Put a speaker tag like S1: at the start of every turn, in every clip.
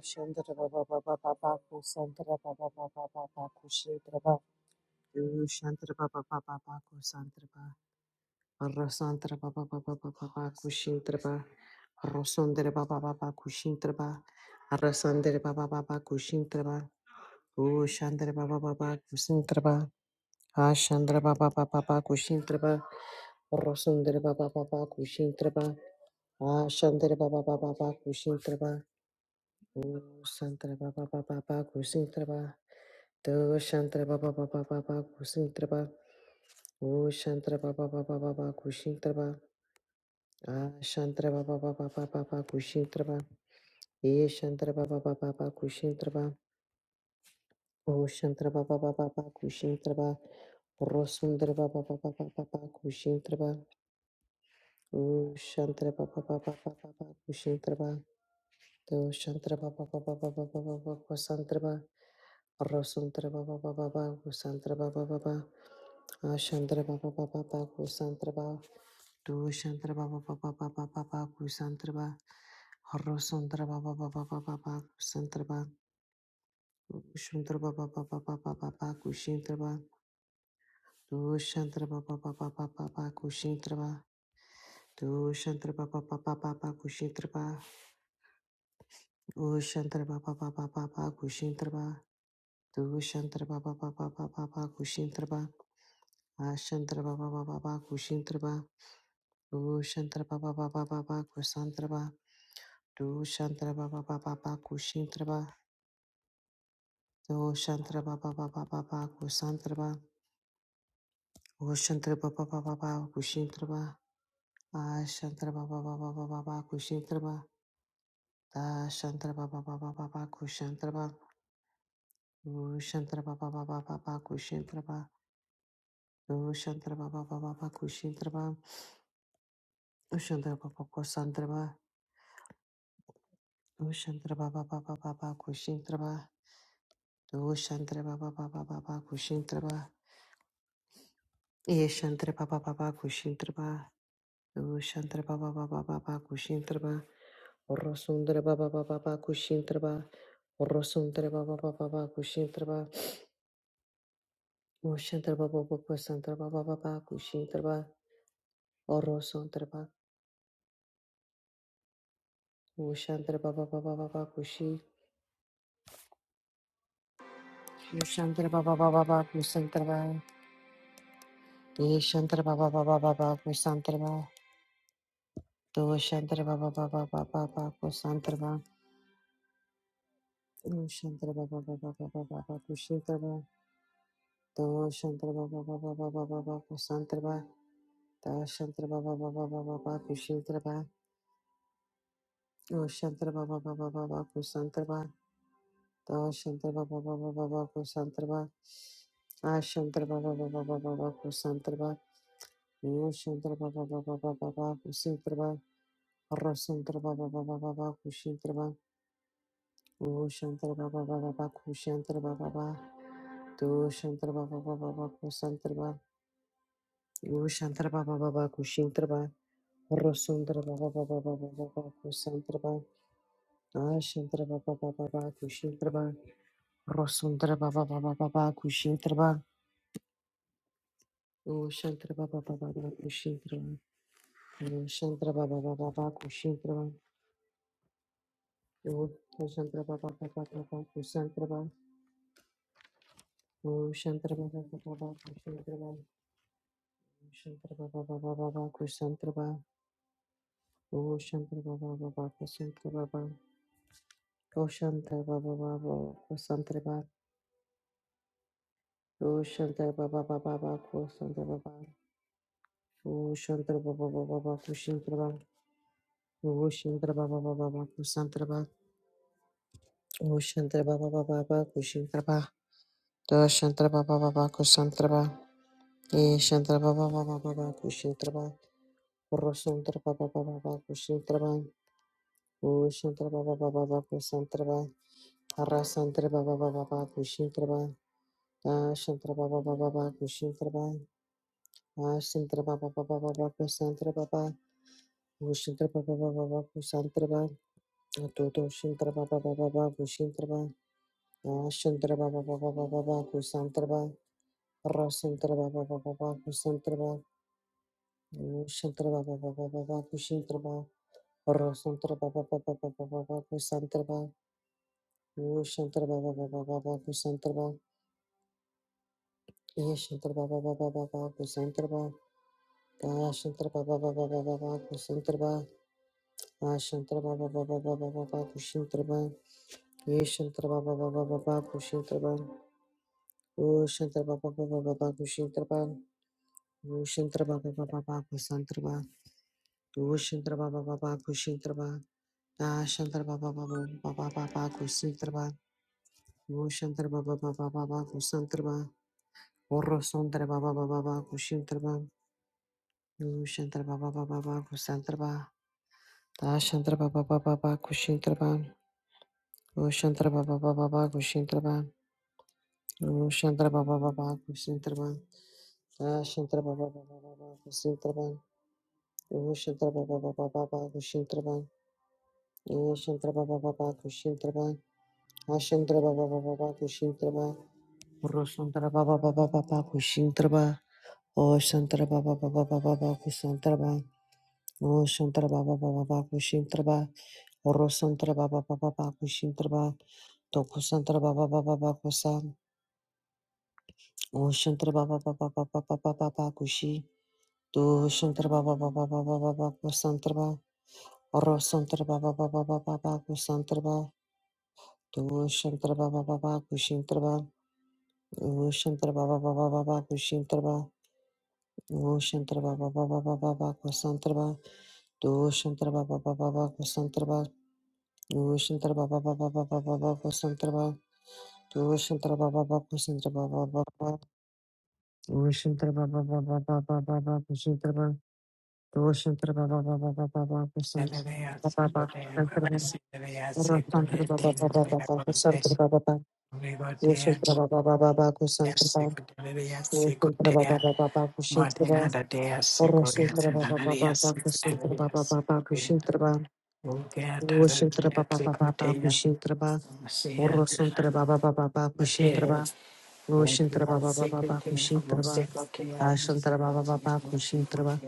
S1: Shandra Baba Baba Baba Kusantra Baba Baba Baba Kushetra Baba Shantra Baba Baba Baba Kusantra Baba Rasantra Baba Baba Baba Baba Kushintra Baba Rosandra Baba Baba Kushintra Baba Rasandra Baba Baba Kushintra Baba O Shandra Baba Baba Kusantra Baba Ashandra Baba Baba Baba Kushintra Baba Rosandra Baba Baba Kushintra Baba Ashandra Baba Baba Baba Kushintra Baba Santra Baba Baba Baba Kushintra Baba Do Shantra Baba Baba Baba Kusintraba. O Shantra Baba Baba Baba Kushintraba. Ah Shantra Baba Baba Baba Baba Kushintraba. E Shantra Baba Baba Baba Kushintraba. O Shantra Baba Baba Baba Kushintraba. Rosundraba Baba Baba Baba Baba Kushintraba. O Shantra Baba Baba Baba Baba Kushintraba. Do Shantra Baba Baba Baba Baba Baba Kusantraba. Rosantra Baba Baba Baba Santra Baba Baba Ashantra Baba Baba Baba Santra Baba Dushantra Baba Baba Baba Baba Santra Baba Rosantra Baba Baba Baba Baba Santra Baba Shantra Baba Baba Baba Baba Kushintra Baba Dushantra Baba Baba Baba Baba Kushintra Baba Dushantra Baba Baba Baba Kushintra Baba Ushantra Baba Baba Baba Kushintra Baba Dushantra Baba Baba Baba Kushintra Ashantra Baba Baba Baba Kushintra Ba Du Shantra Baba Baba Baba Kusantra Ba Du Shantra Baba Baba Baba Kushintra Ba Du Shantra Baba Baba Baba Kusantra Ba O Shantra Baba Baba Baba Kushintra Ba Ashantra Baba Baba Baba Baba Kushintra Ba Da Shantra Baba Baba Baba Kushantra Ba Du Shantra Baba Baba Baba Kushintra Ba Du Shantra Baba Baba Baba Kushintra Ba Du Shantra Baba Kusantra Ba Du Shantra Baba Baba Baba Kushintra Ba Do Shantra Baba Baba Baba Kushintraba. E Shantra Baba Baba Kushintraba. Do Shantra Baba Baba Baba Kushintraba. Rosundra Baba Baba Baba Kushintraba. Rosundra Baba Baba Baba Kushintraba. O Shantra Baba Baba Santra Baba Baba Kushintraba. O Rosuntraba. O Shantra Baba Baba Baba Kushi. O Shantra Baba Baba Baba Kusantraba. E Shantra Baba Baba Baba Kusantraba. Do Shantra Baba Baba Baba Baba Kusantraba. Oh, Shantara Baba Baba Baba Baba Kushantara Da Shantara Baba Baba Baba Baba Kusantara Da Shantara Baba Baba Baba Baba Kushantara Oh Shantara Baba Baba Baba Kusantara Da Shantara Baba Baba Baba Kusantara Ah Shantara Baba Baba Baba Baba Kusantara Oh Shantara Baba Baba Baba Baba Kusantara Rasantara Baba Baba Baba Kushantara Oh Shantara Baba Baba Baba Kushantara Baba Baba Do Shantara Baba Baba Baba Kusantara Ushantra Baba Baba Kushintra Ba Rosundra Baba Baba Baba Baba Kusantra Ba Ashantra Baba Baba Baba Kushintra Ba Rosundra Baba Baba Baba Kushintra Ba Ushantra Baba Baba Baba Kushintra Ba Ushantra Baba Baba Baba Kushintra Ba Ushantra Baba Baba Baba Kusantra Ba Ushantra Baba Baba Baba Kushintra Ba Ushantra Baba Baba Baba Kusantra Ba Ushantra Baba Baba Kusantra Ba Koshanta Baba Baba Kosantra Baba Koshanta Baba Baba Baba Kosantra Baba Koshanta Baba Baba Kushintra Baba Koshantra Baba Baba Baba Kosantra Baba Koshantra Baba Baba Kushintra Baba Doshantra Baba Baba Kosantra Baba Eshantra Baba Baba Baba Kushintra Baba Rosantra Baba Baba Kushintra Baba Koshantra Baba Baba Baba Kosantra Baba Harasantra Baba Baba Kushintra Baba Dashantra Baba Baba Kushintra Ashantra Baba Baba Baba Kusantra Baba Gushintra Baba Baba Baba Kusantra Baba Toto Shintra Baba Baba Baba Gushintra Baba Ashantra Baba Baba Baba Baba Kusantra Baba Rasantra Baba Baba Baba Kusantra Baba Gushintra Baba Baba Baba Kushintra Baba Rasantra Baba Baba Baba Baba Baba Gushintra Baba Baba Baba Kusantra Baba Baba Baba Baba Kusantra Baba Ashantra Baba Baba Baba Baba Kusantra Baba Ashantra Baba Baba Baba Baba Kushintraba Yeshantra Baba Baba Baba Kushintraba Ushantra Baba Baba Baba Kushintraba Ushantra Baba Baba Baba Kusantraba Ushantra Baba Baba Kushintraba Ashantra Baba Baba Baba Baba Kusintraba Ushantra Baba Baba Baba Kusantraba Orosantra Baba Baba Baba Kushintraba Ushantra Baba Baba Baba Kusantraba Ashantra Baba Baba Baba Kushintraba Ushantra Baba Baba Baba Kushintraba Oh, Shantara Baba Baba Kusintraba. Ah, Shantara Baba Baba Baba Kusintraba. Oh, Shantara Baba Baba Baba Kusintraba. Oh, Shantara Baba Baba Kusintraba. Ah, Shantara Baba Baba Baba Kusintraba. Oh, Shantara Baba Baba Baba Kusintraba. Oh, Shantara Baba Baba Baba Kusintraba. Oh, Shantara Baba Baba Baba Kusintraba. Oh, Shantara Baba Baba Baba Kusintraba. Toku Shantara Baba Baba Baba Kusa. Oh, Shantara Baba Baba Baba Baba Baba Kushi. Do Shantra Baba Baba Baba Baba Kusantraba Oro Santra Baba Baba Baba Baba Kusantraba Do Shantra Baba Baba Kushintraba O Shantra Baba Baba Baba Kushintraba O Shantra Baba Baba Baba Baba Kusantraba Do Shantra Baba Baba Baba Kusantraba O Shantra Baba Baba Baba Baba Kusantraba Do Shantra Baba Baba Kusantraba Baba Baba O Shantra Baba Baba Baba Baba Kushintraba Do Shantra Baba Baba Baba
S2: Thank
S1: Baba Kusantraba Ratantra Baba Baba Baba Kusantra Baba Baba Yoshantra Baba Baba Baba Kusantra Baba Yoshantra Baba Baba Baba Kushintra Baba Orosantra Baba Baba Baba Kusantra Baba Baba Kushintra Baba Yoshantra Baba Baba Baba Kushintra Baba Orosantra Baba Baba Baba Kushintra Baba Yoshantra Baba Baba Baba Kushintra Baba Ashantra Baba Baba Kushintra Baba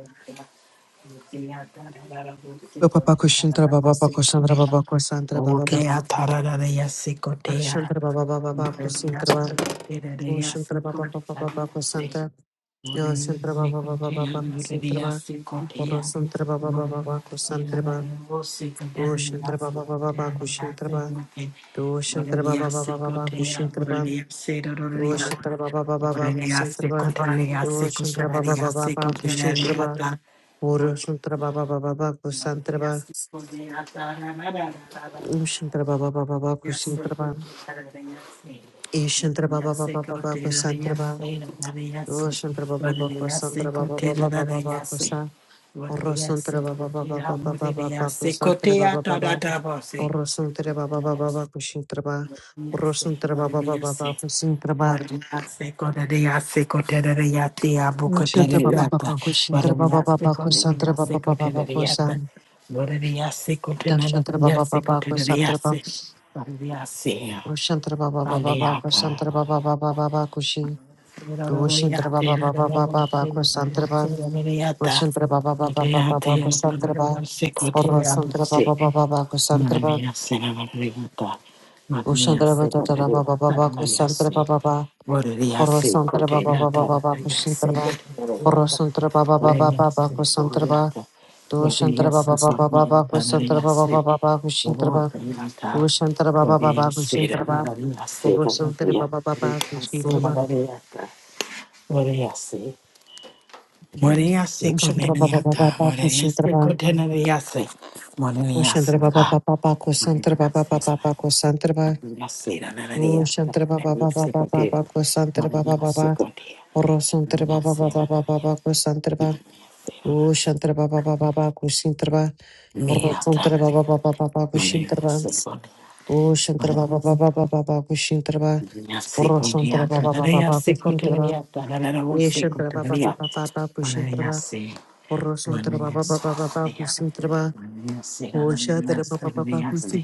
S1: Baba Kushintra Baba Baba Kusantra
S2: you.
S1: Baba Kusantra Baba Baba
S2: Okea tarararea secotea.
S1: Ashantra Baba Baba Baba
S2: Dorea
S1: Kusintra
S2: secotea secotea.
S1: O
S2: Dorea
S1: Shantara Baba Baba
S2: secotea,
S1: Baba
S2: dorea secotea.
S1: Kusanta, Yo
S2: Dorea
S1: Shantara Baba Baba Baba
S2: secotea, secotea,
S1: Kusantraba, Oro
S2: secotea.
S1: Santara Baba Baba Baba
S2: Dorea
S1: Kusantraba,
S2: secotea,
S1: O
S2: dorea secotea. Dorea
S1: Shantara Baba Baba Baba
S2: secotea,
S1: Kushintraba, O Shantara Baba Baba Baba Kushintraba, O Shantara Baba Baba Baba Kusintraba,
S2: secotea,
S1: O
S2: secotea.
S1: Shantara Baba Baba Baba Kushintraba, Oro Shantara Baba Baba Baba
S2: Dorea
S1: Kusantraba,
S2: secotea, tarararea.
S1: O Shantara Baba Baba Baba
S2: Yes, Lord,
S1: Kushintraba,
S2: Lord, Lord, everything that's needed.
S1: E Shantara Baba
S2: Yes, they
S1: Baba
S2: go to
S1: Baba
S2: the other, yes,
S1: Kusantraba,
S2: they don't have a yes.
S1: O
S2: they-
S1: Shantara
S2: What
S1: Baba
S2: are
S1: Baba
S2: the yes, they
S1: Kusantraba
S2: go to
S1: Baba
S2: the
S1: Baba
S2: other,
S1: Baba
S2: yes. they-
S1: Kusa,
S2: What are the yes,
S1: Orosantre
S2: they go
S1: baba baba
S2: to the
S1: baba
S2: other, what are the
S1: baba
S2: yes,
S1: baba
S2: they go to
S1: santre
S2: the
S1: baba
S2: other, da,
S1: baba
S2: da, boss, eh?
S1: Orosantre
S2: What
S1: baba
S2: are the
S1: baba
S2: yes,
S1: baba kushintre ba
S2: yes, they-
S1: Orosantre baba baba
S2: yes,
S1: baba kusintre ba
S2: yes, go to the yes, they yes,
S1: Kushintre baba baba
S2: What
S1: kushintre
S2: are
S1: baba
S2: yes, they
S1: baba
S2: go
S1: kusantre
S2: yes,
S1: baba
S2: go
S1: baba
S2: to
S1: baba
S2: the other.
S1: kusan
S2: What yes, go to the other,
S1: Dashantre baba
S2: yes,
S1: baba kusantre
S2: yes,
S1: ba
S2: yes,
S1: Orosantre baba baba baba
S2: Aliaga.
S1: kusantre baba baba baba kushi Doshintre baba baba baba baba kusantre ba Orosantre baba baba baba baba kusantre ba Orosantre
S2: Aliaga.
S1: baba baba baba
S2: Madre
S1: kusantre
S2: mía, se la barrigata. Madre mía,
S1: Ushandra ba
S2: se
S1: da da da ba ba
S2: cotorra,
S1: ba ba
S2: tarda y
S1: kusantra ba
S2: así.
S1: ba ba
S2: Borría se
S1: porosantra ba ba
S2: cotorra,
S1: ba ba ba
S2: tarda
S1: ba
S2: y
S1: kushintra
S2: así,
S1: ba
S2: cotorra.
S1: porosantra ba ba ba ba
S2: Borría
S1: ba ba
S2: se
S1: kusantra
S2: cotorra,
S1: ba dushantra
S2: borría
S1: ba
S2: se
S1: ba ba ba ba ba
S2: cotorra, tarda y
S1: kusantra ba ba ba
S2: así.
S1: ba ba kushintra ba
S2: Borría ta,
S1: dushantra ba ba ba ba
S2: borría se la
S1: kushintra ba
S2: barriga, se la
S1: porosantra ba
S2: barriga,
S1: ba ba ba
S2: borría se
S1: kushintra
S2: la
S1: ba
S2: barriga, borría se. Borría se
S1: ushantra ba ba
S2: cotorra,
S1: ba ba
S2: ta,
S1: ba
S2: borría
S1: kushintra
S2: se
S1: ba
S2: cotorra, borría se. Borría
S1: ushantra
S2: se
S1: ba ba
S2: la.
S1: ba ba ba kusantra ba
S2: María,
S1: ba
S2: se
S1: ba ba
S2: la.
S1: ba kusantra ba
S2: María,
S1: ushantra ba ba ba ba ba ba ba kusantra ba ba ba ba Oro santre ba ba ba ba ba ba ba ko santre ba. O shantre ba ba ba ba ba ko sintre ba. Oro santre ba ba ba ba ba ba ko shintre ba. O shantre ba ba ba ba ba ba ba ko shintre ba. Oro santre ba ba ba ba ba ko sintre ba. E shantre ba ba ba ba ba ba ko shintre ba. Oro santre ba ba ba ba ba ba ko sintre ba. O shantre ba ba ba ba ko si.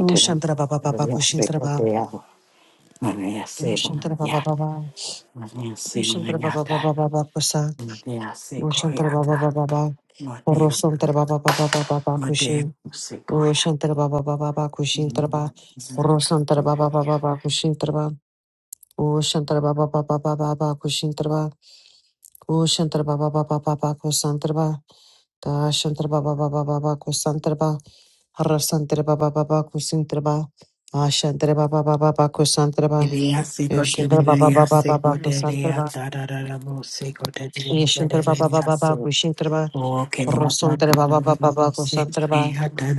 S1: O shantre ba ba ba ba ko shintre ba. O shantre ba ba ba ba. O shantre ba ba ba
S2: Mateyasirinyata,
S1: ba ba ba ko sa. Roshantara Baba
S2: mateyasikoyata,
S1: Baba Baba.
S2: mate-
S1: Orosantara Baba Baba Baba Baba Kushin.
S2: mateyasikoya.
S1: Oshantara Baba Baba Baba Kushin Taraba. Orosantara Baba Baba Baba Kushin Taraba. Oshantara Baba Baba Baba Baba Kushin Taraba. Oshantara Baba Baba Baba Kusantaraba. Dashantara Baba Baba Baba Kusantaraba. Harasantara Baba Baba Kusintaraba. Ashantara Baba Baba Baba Kusantaraba. Yoshantara Baba Baba Baba Kusantaraba. Yeshantara Baba Baba
S2: Mateyasikotereyasikoterayatarararabosikoterayatararayasi.
S1: Baba Kushintaraba.
S2: Okay,
S1: Rosantra Baba Baba Baba Santra Baba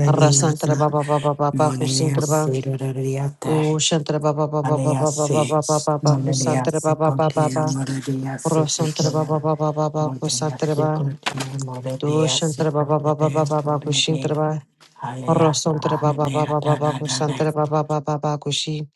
S1: Rasantra Baba Baba Baba Kusantra Baba
S2: mateyasikotereyatararayata.
S1: Ushantra Baba Baba Baba
S2: Aleyasi,
S1: Baba Baba Baba Kusantra Baba Baba Baba Rosantra
S2: maleyasikoteyamareyasikoteya.
S1: Baba Baba Baba
S2: Morea
S1: Kusantra Baba
S2: seconde
S1: Dushantra Baba Baba Baba Baba Kushintra Baba Rosantra Baba Baba Baba Kusantra Baba Baba Baba Kushi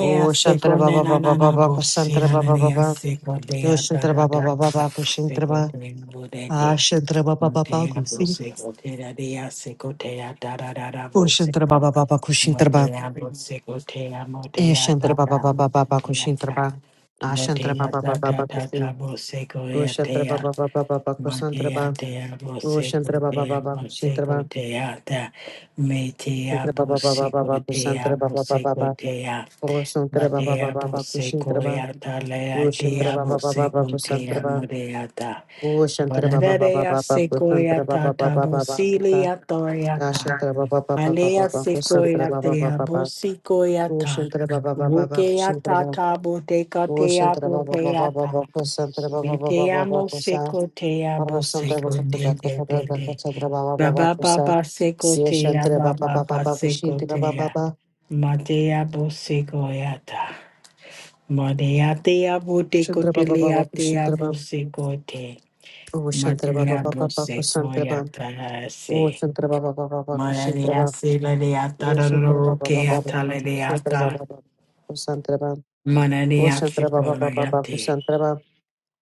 S1: Ushantra Baba
S2: na
S1: Baba
S2: na na
S1: Baba Kusantra
S2: bossira na
S1: Baba
S2: na
S1: Baba
S2: seconde a da
S1: Dushantra
S2: da
S1: Baba
S2: da
S1: Baba
S2: sa
S1: Baba Kushintra Baba
S2: seconde mure de
S1: Ashantra Baba Baba
S2: Motea
S1: Kusi
S2: bossego te da de a seconde a da da da da
S1: Ushantra
S2: bossega
S1: Baba Baba Kushintra Baba
S2: Motea bossego te a motea
S1: Ishantra
S2: da
S1: Baba
S2: da
S1: Baba Baba
S2: motea
S1: Kushintra
S2: da
S1: Ba Ashantra
S2: Motea
S1: Baba
S2: da
S1: Baba
S2: da
S1: Baba
S2: da da
S1: Kusin
S2: bossego
S1: Ushantra Baba Baba Baba Kusantra
S2: Matea
S1: Ba
S2: dea
S1: Ushantra
S2: bosico
S1: Baba
S2: dea
S1: Baba Kushintra
S2: bosico
S1: Ba
S2: dea da metea
S1: Shantra Baba Baba
S2: bosico
S1: Baba
S2: dea
S1: Kusantra Baba Baba
S2: bosico
S1: ba
S2: dea
S1: Usantra Baba Baba
S2: Matea
S1: Baba Kushintra
S2: bosico
S1: Ba
S2: ya da lea
S1: Ushantra
S2: dea
S1: Baba Baba Baba
S2: bosico
S1: Kusantra
S2: dea
S1: Ba
S2: morea da
S1: Ushantra Baba Baba
S2: Bararea
S1: Baba
S2: sequoia
S1: Kusantra
S2: ta
S1: Baba
S2: ta
S1: Baba Baba Kusa
S2: bosilia toria ta
S1: Ashantra Baba Baba Baba
S2: Alea
S1: Baba Kusantra
S2: sequoia
S1: Baba
S2: dea
S1: Baba ba
S2: bosicoia ta
S1: Ushantra Baba Baba Baba
S2: Wukea
S1: Kushintra
S2: ta
S1: Ba.
S2: ta boteca
S1: Ushantra Baba Baba
S2: dea
S1: Baba Kusantra Baba
S2: me
S1: Baba
S2: te
S1: Baba
S2: amo
S1: Kusa
S2: seco te amo
S1: Arvasantra
S2: seco te
S1: Bukata
S2: te
S1: Katada
S2: te te.
S1: Bakatantra Baba Shantra
S2: Ba
S1: Baba
S2: ba ba
S1: Kusa
S2: ba seco te ya
S1: Siyashantra
S2: ba
S1: Baba
S2: ba
S1: Baba
S2: ba
S1: Baba
S2: seco
S1: Kushitra
S2: te
S1: Baba
S2: ya.
S1: Baba
S2: Ma te amo seco ya ta. Ma te ya te amo te ko
S1: Shantra
S2: te
S1: Baba
S2: le ya
S1: Baba
S2: te
S1: Kushitra
S2: amo
S1: Baba
S2: seco te. Ma te
S1: Ushantra Baba Baba
S2: amo
S1: Baba
S2: seco ya ta ha se. Ma la le
S1: Kusantra
S2: ya
S1: Baba
S2: se la le ya ta ro ro ro
S1: Ushantra
S2: ro
S1: Baba
S2: ke ya
S1: Baba
S2: ta
S1: Baba
S2: le le ya
S1: Kushitra
S2: ta.
S1: Baba Ushantra
S2: Ma la le ya
S1: Baba Baba Baba Kusantra Baba Baba Kusantra Baba Ushantra Baba Baba Baba Kusantra Baba Ushantra Baba Baba Baba
S2: seco la ya te.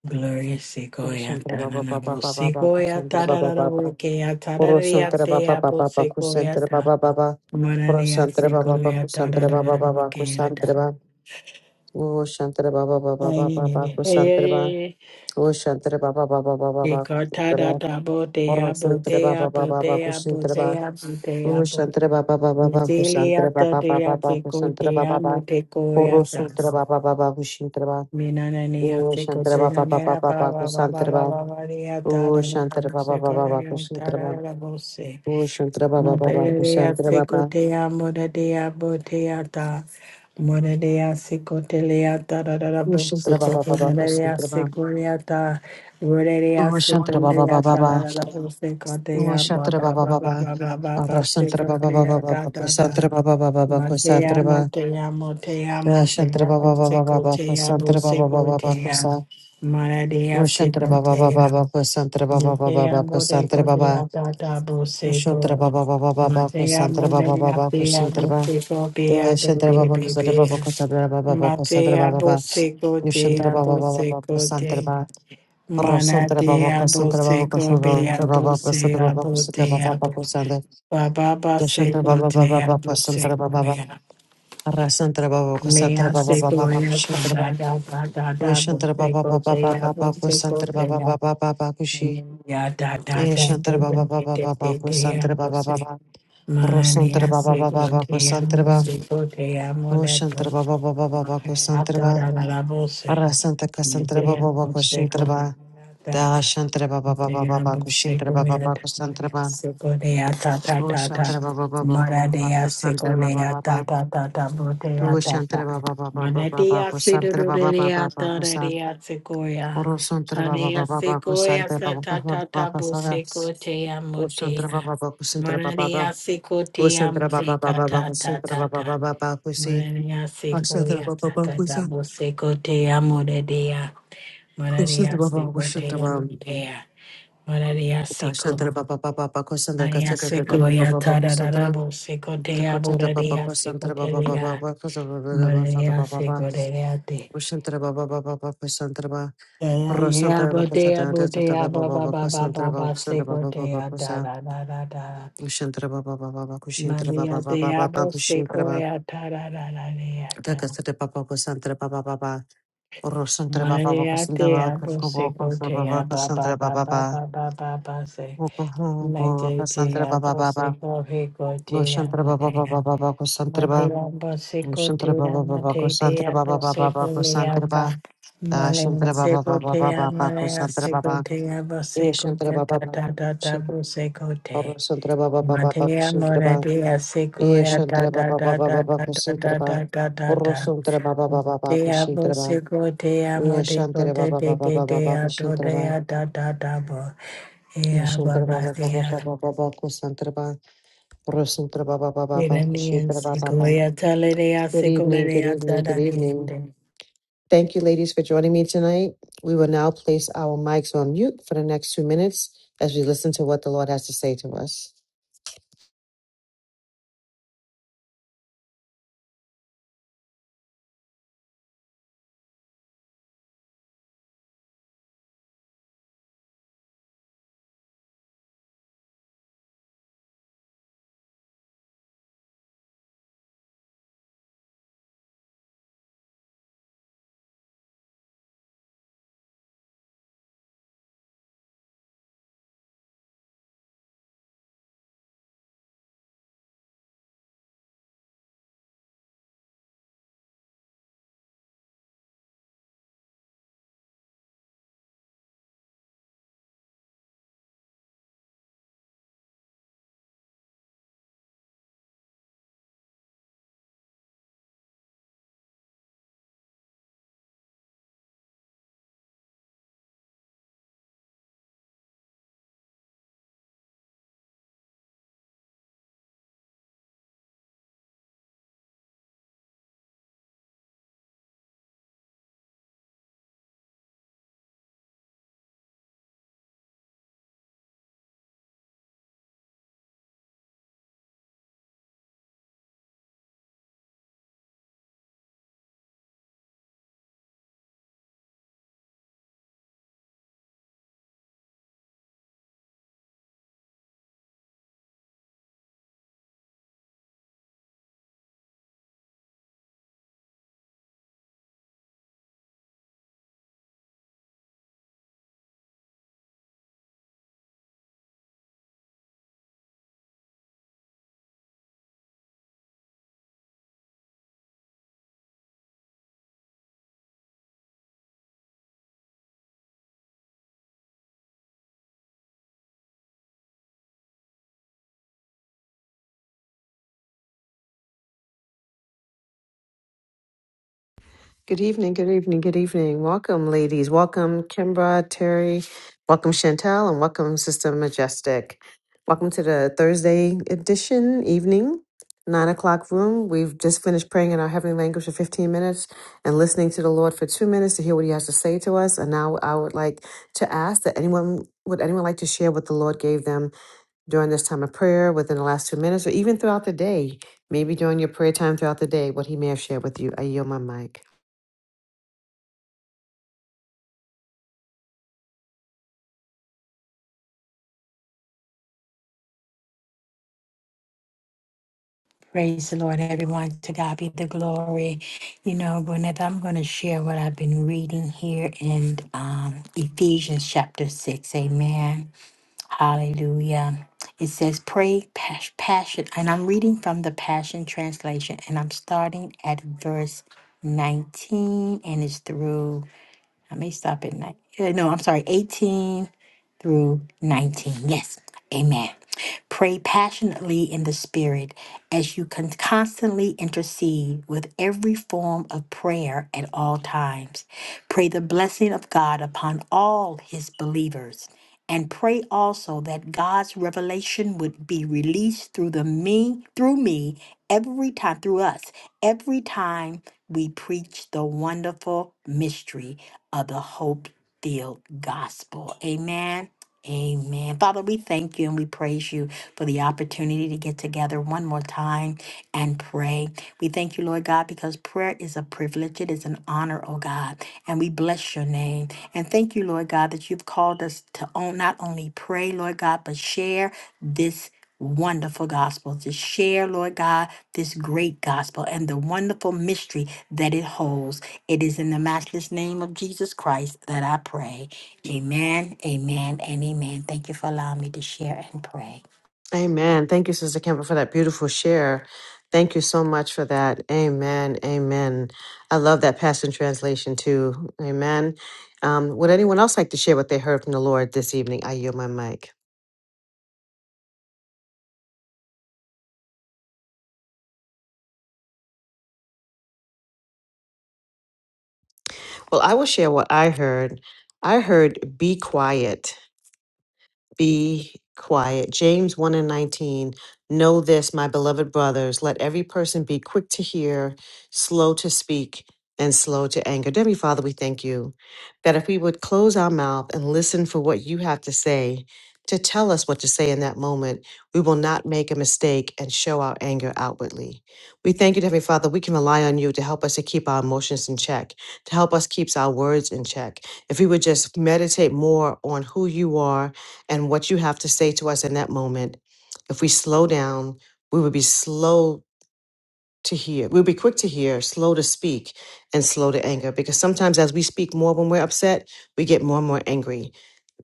S2: Gloria sequoia tanana
S1: Baba
S2: sequoia
S1: Kusantra Baba
S2: tarara
S1: Baba
S2: bokea tararia
S1: Orosantra
S2: te
S1: baba baba
S2: apo
S1: baba
S2: sequoia
S1: kusantra
S2: ta
S1: baba baba.
S2: mararia
S1: Orosantra baba baba
S2: sequoia
S1: kusantra
S2: tarara
S1: baba baba
S2: bokea ta
S1: kusantra baba. Oshantra baba baba
S2: ai
S1: baba
S2: ni
S1: baba
S2: ni
S1: kusantra baba.
S2: e
S1: Oshantra baba baba baba
S2: e
S1: baba
S2: ka tarara botea botea botea
S1: kusantra baba.
S2: botea botea bo
S1: Orosantra baba baba baba
S2: Mizilia
S1: kusantra
S2: tatea sequoia
S1: baba.
S2: motecoia ta
S1: Oshantra baba baba baba kusantra baba baba baba kusantra baba baba. Orosantra baba baba kusantra baba.
S2: Minanania
S1: Oshantra baba
S2: sequoia
S1: baba
S2: nera ba
S1: baba
S2: ba ba ba
S1: kusantra
S2: ba
S1: baba.
S2: ba ba ria
S1: Oshantra
S2: tarara
S1: baba baba baba
S2: sequoia
S1: kusantra baba.
S2: tarara bose
S1: Oshantra baba baba
S2: Madeya
S1: kusantra baba.
S2: secotea, modadea boteata, modadea secoteleata, da da da
S1: Ushantra Baba
S2: bosecote,
S1: Baba
S2: modadea
S1: Kusantra Baba
S2: secoreata, rodadea
S1: Ushantra Baba Baba
S2: secoteleata, da
S1: Baba
S2: da da bosecotea, ba
S1: Ushantra
S2: ba
S1: Baba
S2: ba ba
S1: Baba
S2: ba ba ba ba
S1: Rasantra Baba Baba
S2: secotea, da
S1: Baba
S2: da da.
S1: Kusantra Baba Baba Baba
S2: Matea,
S1: Kusantra Baba
S2: motea, motea,
S1: Rashantra
S2: motea,
S1: Baba Baba Baba
S2: bosecotea,
S1: Kusantra Baba Baba Baba
S2: bosecotea,
S1: Kusa
S2: modadea
S1: Ushantra Baba Baba
S2: secotea.
S1: Baba Kusantra Baba Baba
S2: Matea
S1: Baba
S2: mole
S1: Kusantra Baba
S2: kodea tata bo
S1: Ushantra
S2: seko.
S1: Baba Baba Baba
S2: Matea
S1: Kusantra Baba
S2: mole
S1: Baba
S2: atea
S1: Kusantra
S2: bo
S1: Baba
S2: seko be.
S1: Eh, Shantra
S2: bebe
S1: Baba Kusantra
S2: bebe.
S1: Baba Kusantra Baba Baba Kusantra
S2: Matea
S1: Baba
S2: bo
S1: Baba
S2: seko
S1: Ushantra
S2: tea bo
S1: Baba Baba Baba
S2: seko
S1: Kusantra
S2: te.
S1: Baba
S2: Mana
S1: Rosantra Baba
S2: tea bo
S1: Cassandra Baba
S2: seko
S1: Cassandra
S2: bea bo
S1: Baba
S2: se
S1: Cassandra
S2: sea
S1: Baba
S2: bo
S1: Cassandra
S2: tea
S1: Baba
S2: bo.
S1: Cassandra
S2: Baba ba
S1: Dashantra
S2: seko
S1: Baba Baba
S2: tea
S1: Baba
S2: bo
S1: Cassandra
S2: seko
S1: Baba Baba
S2: mea.
S1: Rasantra Baba Cassandra
S2: Mea
S1: Baba Baba
S2: seko
S1: Baba
S2: ea
S1: Shantra
S2: tada
S1: Baba
S2: da da da da da bo
S1: Dashantra Baba
S2: seko
S1: Baba Baba
S2: tea bo
S1: Baba
S2: seko
S1: Cassandra Baba
S2: tea.
S1: Baba Baba Kushi
S2: Ya da da da
S1: Yashantra
S2: do
S1: Baba
S2: do me
S1: Baba
S2: de
S1: Baba
S2: de de
S1: Cassandra
S2: amo
S1: Baba
S2: se
S1: Baba
S2: mani
S1: Rosantra Baba
S2: así
S1: Baba
S2: lo
S1: Baba
S2: te
S1: Cassandra
S2: amo
S1: Baba
S2: se lo te amo de tu
S1: Oshantra Baba Baba Baba
S2: maje
S1: Cassandra Baba
S2: atora la la voce
S1: Rasanta
S2: me
S1: Cassandra
S2: te
S1: Baba Baba
S2: amo se
S1: Cassandra
S2: con
S1: Baba
S2: da
S1: Dashantra Baba Baba Baba
S2: Mararia
S1: Kushintra Baba Baba Cassandra
S2: secotea,
S1: Oh Shantara Baba Baba Baba Baba Santara Baba Baba Duo Shantara Baba Baba Baba Baba Santara Baba Baba Baba Sam Oro Santara Baba Baba Baba Santara Baba Baba Baba Sara O Shantara Baba Baba Santara Baba
S2: mararia
S1: Baba O Shantara Baba Baba Baba Santara Baba
S2: secotea,
S1: Baba Baba Kusi Santara Baba Baba Kusa Kusa Baba Baba
S2: mudea. Oraria seco,
S1: Shantara Baba Baba Bako Sandra
S2: oraria
S1: Kasakata
S2: seco,
S1: Baba
S2: ya
S1: Baba Bako Sandra
S2: tararabo seco te
S1: Baba
S2: aboraria
S1: Bako
S2: seco
S1: Sandra
S2: te
S1: Baba Baba
S2: lea,
S1: Bako
S2: oraria
S1: Baba Baba
S2: seco te leate.
S1: Shantara Baba Baba Bako Baba
S2: Ya
S1: Rosantara
S2: botea
S1: Bakasada
S2: botea
S1: Santara
S2: ba
S1: Baba
S2: ba ba
S1: Bako
S2: ba
S1: Sandra
S2: ba
S1: Baba
S2: ba seco
S1: Baba
S2: te
S1: Baba
S2: ya da
S1: Kosa
S2: da da da da.
S1: Shantara Baba Baba Bako Baba
S2: Maria
S1: Baba
S2: te
S1: Baba
S2: abo
S1: Kushantara
S2: seco
S1: Baba
S2: ya ta da da da lea da.
S1: Takasata Baba Bako Baba Baba Rosantara Baba Bako
S2: Maria te
S1: Baba
S2: abo seco te ya
S1: Bako
S2: ba ba
S1: Sandra
S2: ba
S1: Baba
S2: ba
S1: Baba
S2: ba ba ba ba se.
S1: Bako
S2: Maite te
S1: Sandra Baba
S2: abo
S1: Baba
S2: seco rico te
S1: Goshantra Baba
S2: amo
S1: Baba Baba Kosantraba,
S2: Matilamba seco te
S1: Goshantra Baba
S2: ama
S1: Baba
S2: te te
S1: Kosantra Baba
S2: ando seco
S1: Baba
S2: le apa.
S1: Kosantraba,
S2: Malenga
S1: Dashantra Baba
S2: seco
S1: Baba
S2: te ama
S1: Baba
S2: lenga
S1: Kosantra Baba, Eshantra Baba
S2: da
S1: Baba
S2: da da da
S1: Kosantra
S2: bu seco
S1: Baba
S2: te.
S1: Santra Baba
S2: Matea mora
S1: Kosantraba,
S2: dea ya da
S1: Eshantra
S2: da
S1: Baba
S2: da
S1: Baba
S2: da
S1: Baba
S2: da da da
S1: Kosantraba,
S2: da da da da.
S1: Orosantra Baba Baba Baba
S2: Te amo
S1: Kosantraba,
S2: seco te De de co
S1: Eshantra
S2: te
S1: Baba Baba Baba
S2: do de
S1: Kosantraba,
S2: a da da da bo. Ea
S1: Eshantra Baba
S2: baba te
S1: Baba
S2: amo.
S1: Baba Baba Kosantraba, Orosantra Baba Baba Baba
S2: Iranian seco
S1: Kosantraba.
S2: ya tale dea
S1: Good
S2: seco le
S1: evening, good
S2: da
S1: evening, good evening.
S2: da
S1: Thank you, ladies, for joining me tonight. We will now place our mics on mute for the next two minutes as we listen to what the Lord has to say to us. Good evening, good evening, good evening. Welcome, ladies. Welcome, Kimbra, Terry. Welcome, Chantel, and welcome, Sister Majestic. Welcome to the Thursday edition evening, nine o'clock room. We've just finished praying in our heavenly language for 15 minutes and listening to the Lord for two minutes to hear what He has to say to us. And now I would like to ask that anyone would anyone like to share what the Lord gave them during this time of prayer, within the last two minutes, or even throughout the day, maybe during your prayer time throughout the day, what he may have shared with you. I yield my mic.
S2: Praise the Lord, everyone. To God be the glory. You know, Gwyneth, I'm going to share what I've been reading here in um, Ephesians chapter 6. Amen. Hallelujah. It says, Pray pas- passion. And I'm reading from the Passion Translation, and I'm starting at verse 19, and it's through I may stop at nine. eh, No, I'm sorry, 18 through 19. Yes, amen. Pray passionately in the Spirit as you can constantly intercede with every form of prayer at all times. Pray the blessing of God upon all His believers and pray also that God's revelation would be released through the me through me every time through us every time we preach the wonderful mystery of the hope filled gospel amen Amen. Father, we thank you and we praise you for the opportunity to get together one more time and pray. We thank you, Lord God, because prayer is a privilege. It is an honor, oh God. And we bless your name. And thank you, Lord God, that you've called us to on, not only pray, Lord God, but share this wonderful gospel, to share, Lord God, this great gospel and the wonderful mystery that it holds. It is in the matchless name of Jesus Christ that I pray. Amen, amen, and amen. Thank you for allowing me to share and pray.
S1: Amen. Thank you, Sister Campbell, for that beautiful share. Thank you so much for that. Amen. Amen. I love that Passion Translation too. Amen. Um, would anyone else like to share what they heard from the Lord this evening? I yield my mic. Well, I will share what I heard. I heard, be quiet be quiet. James 1 and 19. Know this, my beloved brothers, let every person be quick to hear, slow to speak, and slow to anger. Dear Heavenly Father, we thank you that if we would close our mouth and listen for what you have to say, to tell us what to say in that moment, we will not make a mistake and show our anger outwardly. We thank you, dear Heavenly Father, we can rely on you to help us to keep our emotions in check, to help us keep our words in check. If we would just meditate more on who you are and what you have to say to us in that moment. If we slow down, we would be slow to hear. We'll be quick to hear, slow to speak, and slow to anger. Because sometimes as we speak more when we're upset, we get more and more angry.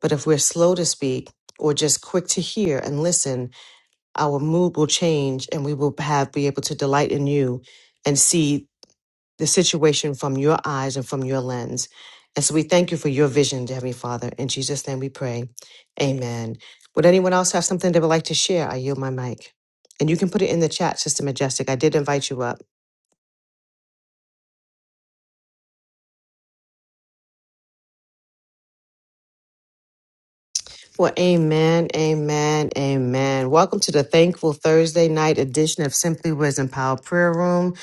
S1: But if we're slow to speak or just quick to hear and listen, our mood will change and we will have be able to delight in you and see the situation from your eyes and from your lens. And so we thank you for your vision, dear Heavenly Father. In Jesus' name we pray. Amen. Would anyone else have something they would like to share? I yield my mic. And you can put it in the chat, Sister Majestic. I did invite you up. Well, amen, amen, amen. Welcome to the Thankful Thursday night edition of Simply Wisdom Power Prayer Room.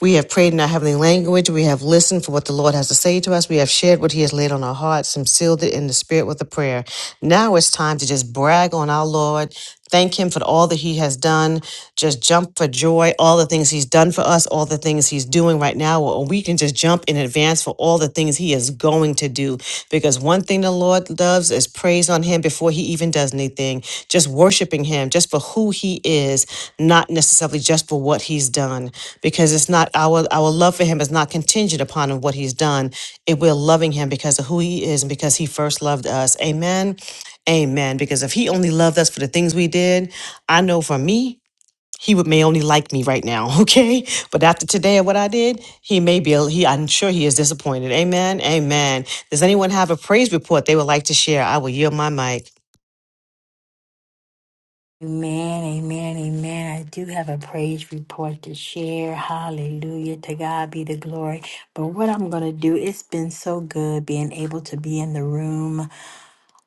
S1: We have prayed in our heavenly language. We have listened for what the Lord has to say to us. We have shared what He has laid on our hearts and sealed it in the Spirit with a prayer. Now it's time to just brag on our Lord. Thank him for all that he has done. Just jump for joy, all the things he's done for us, all the things he's doing right now. Or we can just jump in advance for all the things he is going to do. Because one thing the Lord loves is praise on him before he even does anything. Just worshiping him just for who he is, not necessarily just for what he's done. Because it's not our our love for him is not contingent upon what he's done. It we're loving him because of who he is and because he first loved us. Amen. Amen. Because if he only loved us for the things we did, I know for me, he would may only like me right now, okay? But after today and what I did, he may be he I'm sure he is disappointed. Amen. Amen. Does anyone have a praise report they would like to share? I will yield my mic.
S2: Amen, amen, amen. I do have a praise report to share. Hallelujah. To God be the glory. But what I'm going to do, it's been so good being able to be in the room.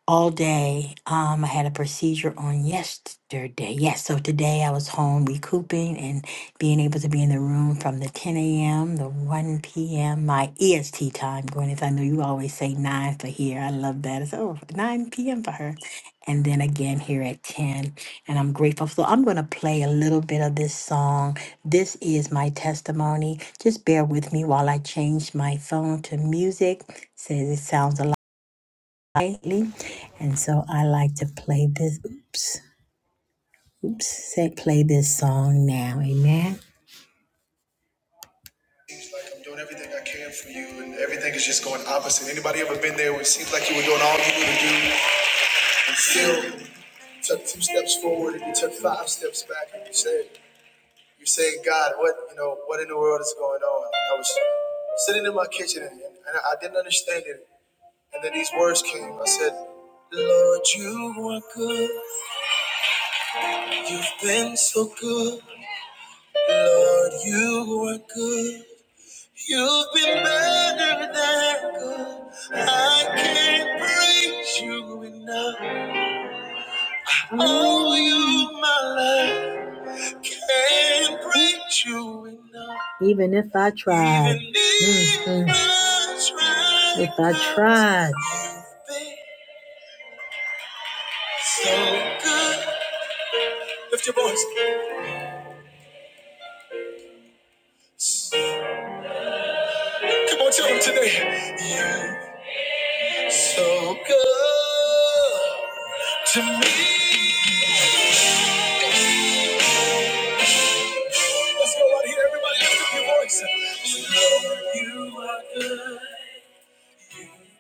S2: all day. Um, I had a procedure on yesterday. Yes, so today I was home recouping and being able to be in the room from the 10 a.m. the 1 p.m. my EST time. Gwyneth, I know you always say 9 for here. I love that. It's oh, 9 p.m. for her. And then again here at 10. And I'm grateful. So I'm going to play a little bit of this song. This is my testimony. Just bear with me while I change my phone to music. Says it sounds a lightly. And so I like to play this. Oops, oops. Say, play this song now. Amen. It's like I'm doing everything I can for you, and everything is just going opposite. Anybody ever been there where it seems like you were doing all you knew to do, and still took two steps forward and you took five steps back, and you said, "You're saying, God, what you know, what in the world is going on?" And I was sitting in my kitchen, and, and I didn't understand it. And then these words came. I said, "Lord, you are good." You've been so good, Lord, you are good. You've been better than good. I can't praise you enough. Oh, you, my love, can't praise you enough. Even if I tried, Even if Mm, mm. I tried, if I tried, you've been so good. Lift your voice. Come on, tell them today. You So good to me. Let's go out here, everybody. Lift up your voice. To know you are good.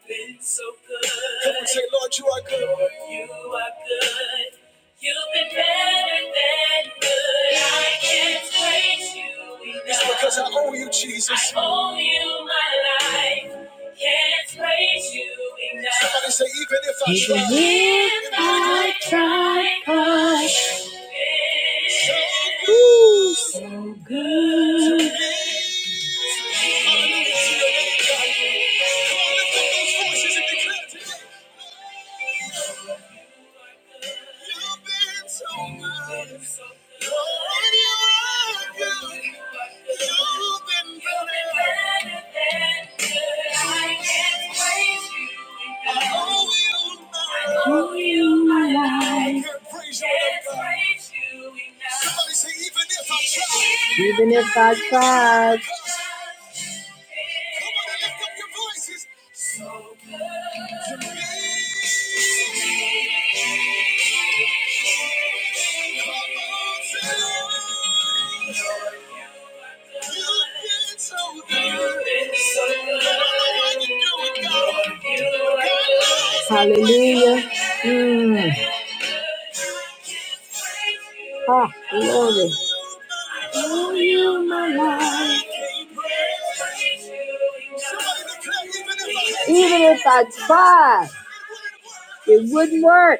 S2: been so good. Come on, say, Lord, you are good. Lord, you are good. You've been better than good. I can't praise you enough. It's because I owe you, Jesus. I owe you my life. Can't praise you enough. Somebody say, even if I even try. If even I if I try, God. So good. so good. Those voices in the clear today. You've been so good. Lord, you are good. You've been better than good. I can't praise you. I owe you my life. I owe you my life. I can't praise you enough. Somebody say, even if I try. Even if I try. Come on and lift up your voices. So good to me. Come on, say, You've been so good. so I don't know why you do it, God. God knows. Hallelujah. Mm. Ah, glory. Oh, you, my life. Even if I tried, it wouldn't work.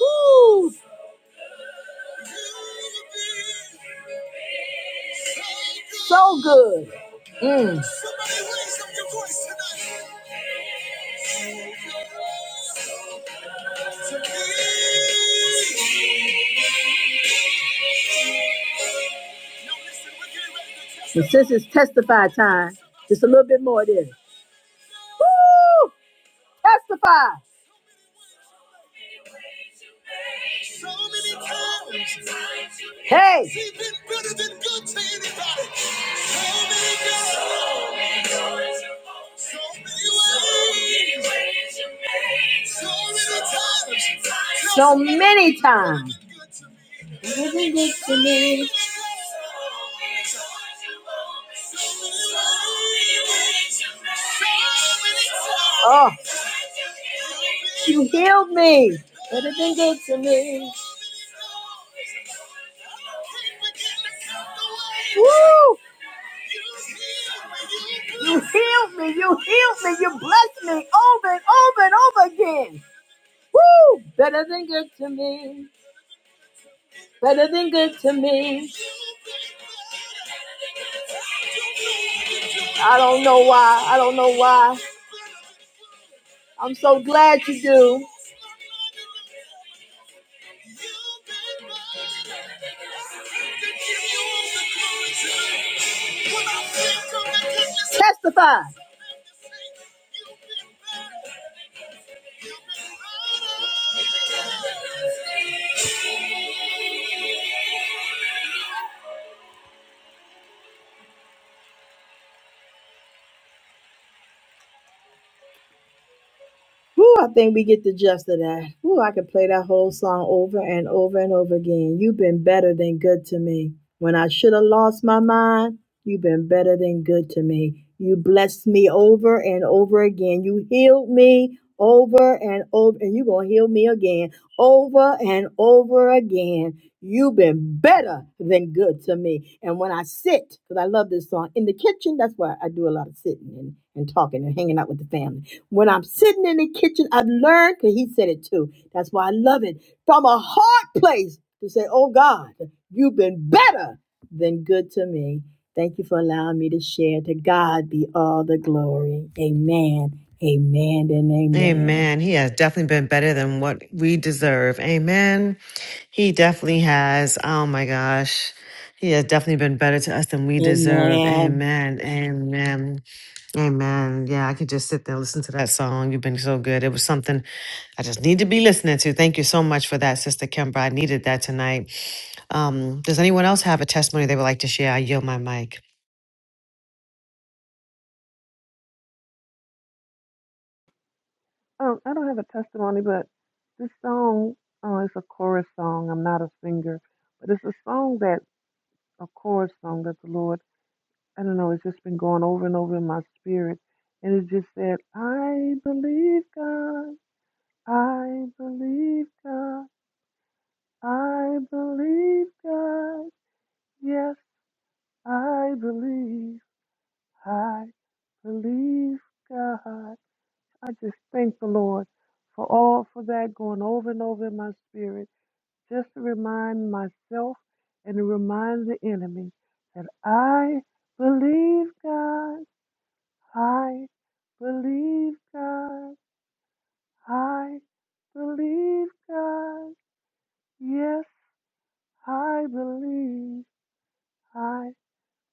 S2: Woo! So good. Mm. Somebody raise up your voice tonight. But since it's testify time, just a little bit more of this. Woo! Testify. So many times. Hey. He's been better than good to anybody. So many times. So many ways. So many times. So many times. Living it to me. Oh. Uh, Whew, I think we get the gist of that. Whew, I could play that whole song over and over and over again. You've been better than good to me. When I should have lost my mind, you've been better than good to me. You blessed me over and over again. You healed me over and over, and you're going to heal me again, over and over again. You've been better than good to me. And when I sit, because I love this song, in the kitchen, that's why I do a lot of sitting and, and talking and hanging out with the family when I'm sitting in the kitchen, I've learned, because he said it too. That's why I love it. From a hard place to say, Oh God, you've been better than good to me. Thank you for allowing me to share. To God be all the glory. Amen, amen, and amen.
S1: Amen. He has definitely been better than what we deserve. Amen. He definitely has. Oh my gosh. He has definitely been better to us than we deserve. Amen. Amen. Amen. Yeah, I could just sit there and listen to that song. You've been so good. It was something I just need to be listening to. Thank you so much for that, Sister Kimber. I needed that tonight. Um, does anyone else have a testimony they would like to share? I yield my mic.
S3: Um, I don't have a testimony, but this song uh, is a chorus song. I'm not a singer, but it's a song that a chorus song that the Lord I don't know. It's just been going over and over in my spirit, and it just said, "I believe God, I believe God, I believe God. Yes, I believe, I believe God. I just thank the Lord for all for that going over and over in my spirit." just to remind myself and to remind the enemy that I believe God. I believe God. I believe God. Yes, I believe. I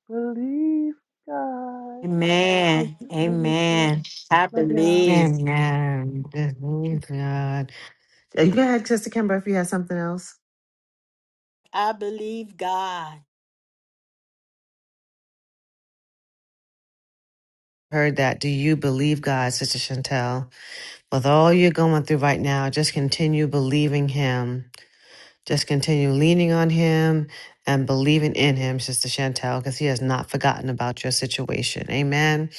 S3: believe God. Thank
S2: Amen.
S3: you for letting me share.
S2: Amen. I
S3: Love y'all.
S2: believe.
S1: Amen. Believe God. Uh, Go ahead, Sister Kimber, if you have something else.
S2: I believe God.
S1: Heard that. Do you believe God, Sister Chantel? With all you're going through right now, just continue believing Him Just continue leaning on him and believing in him, Sister Chantel, because he has not forgotten about your situation. Amen.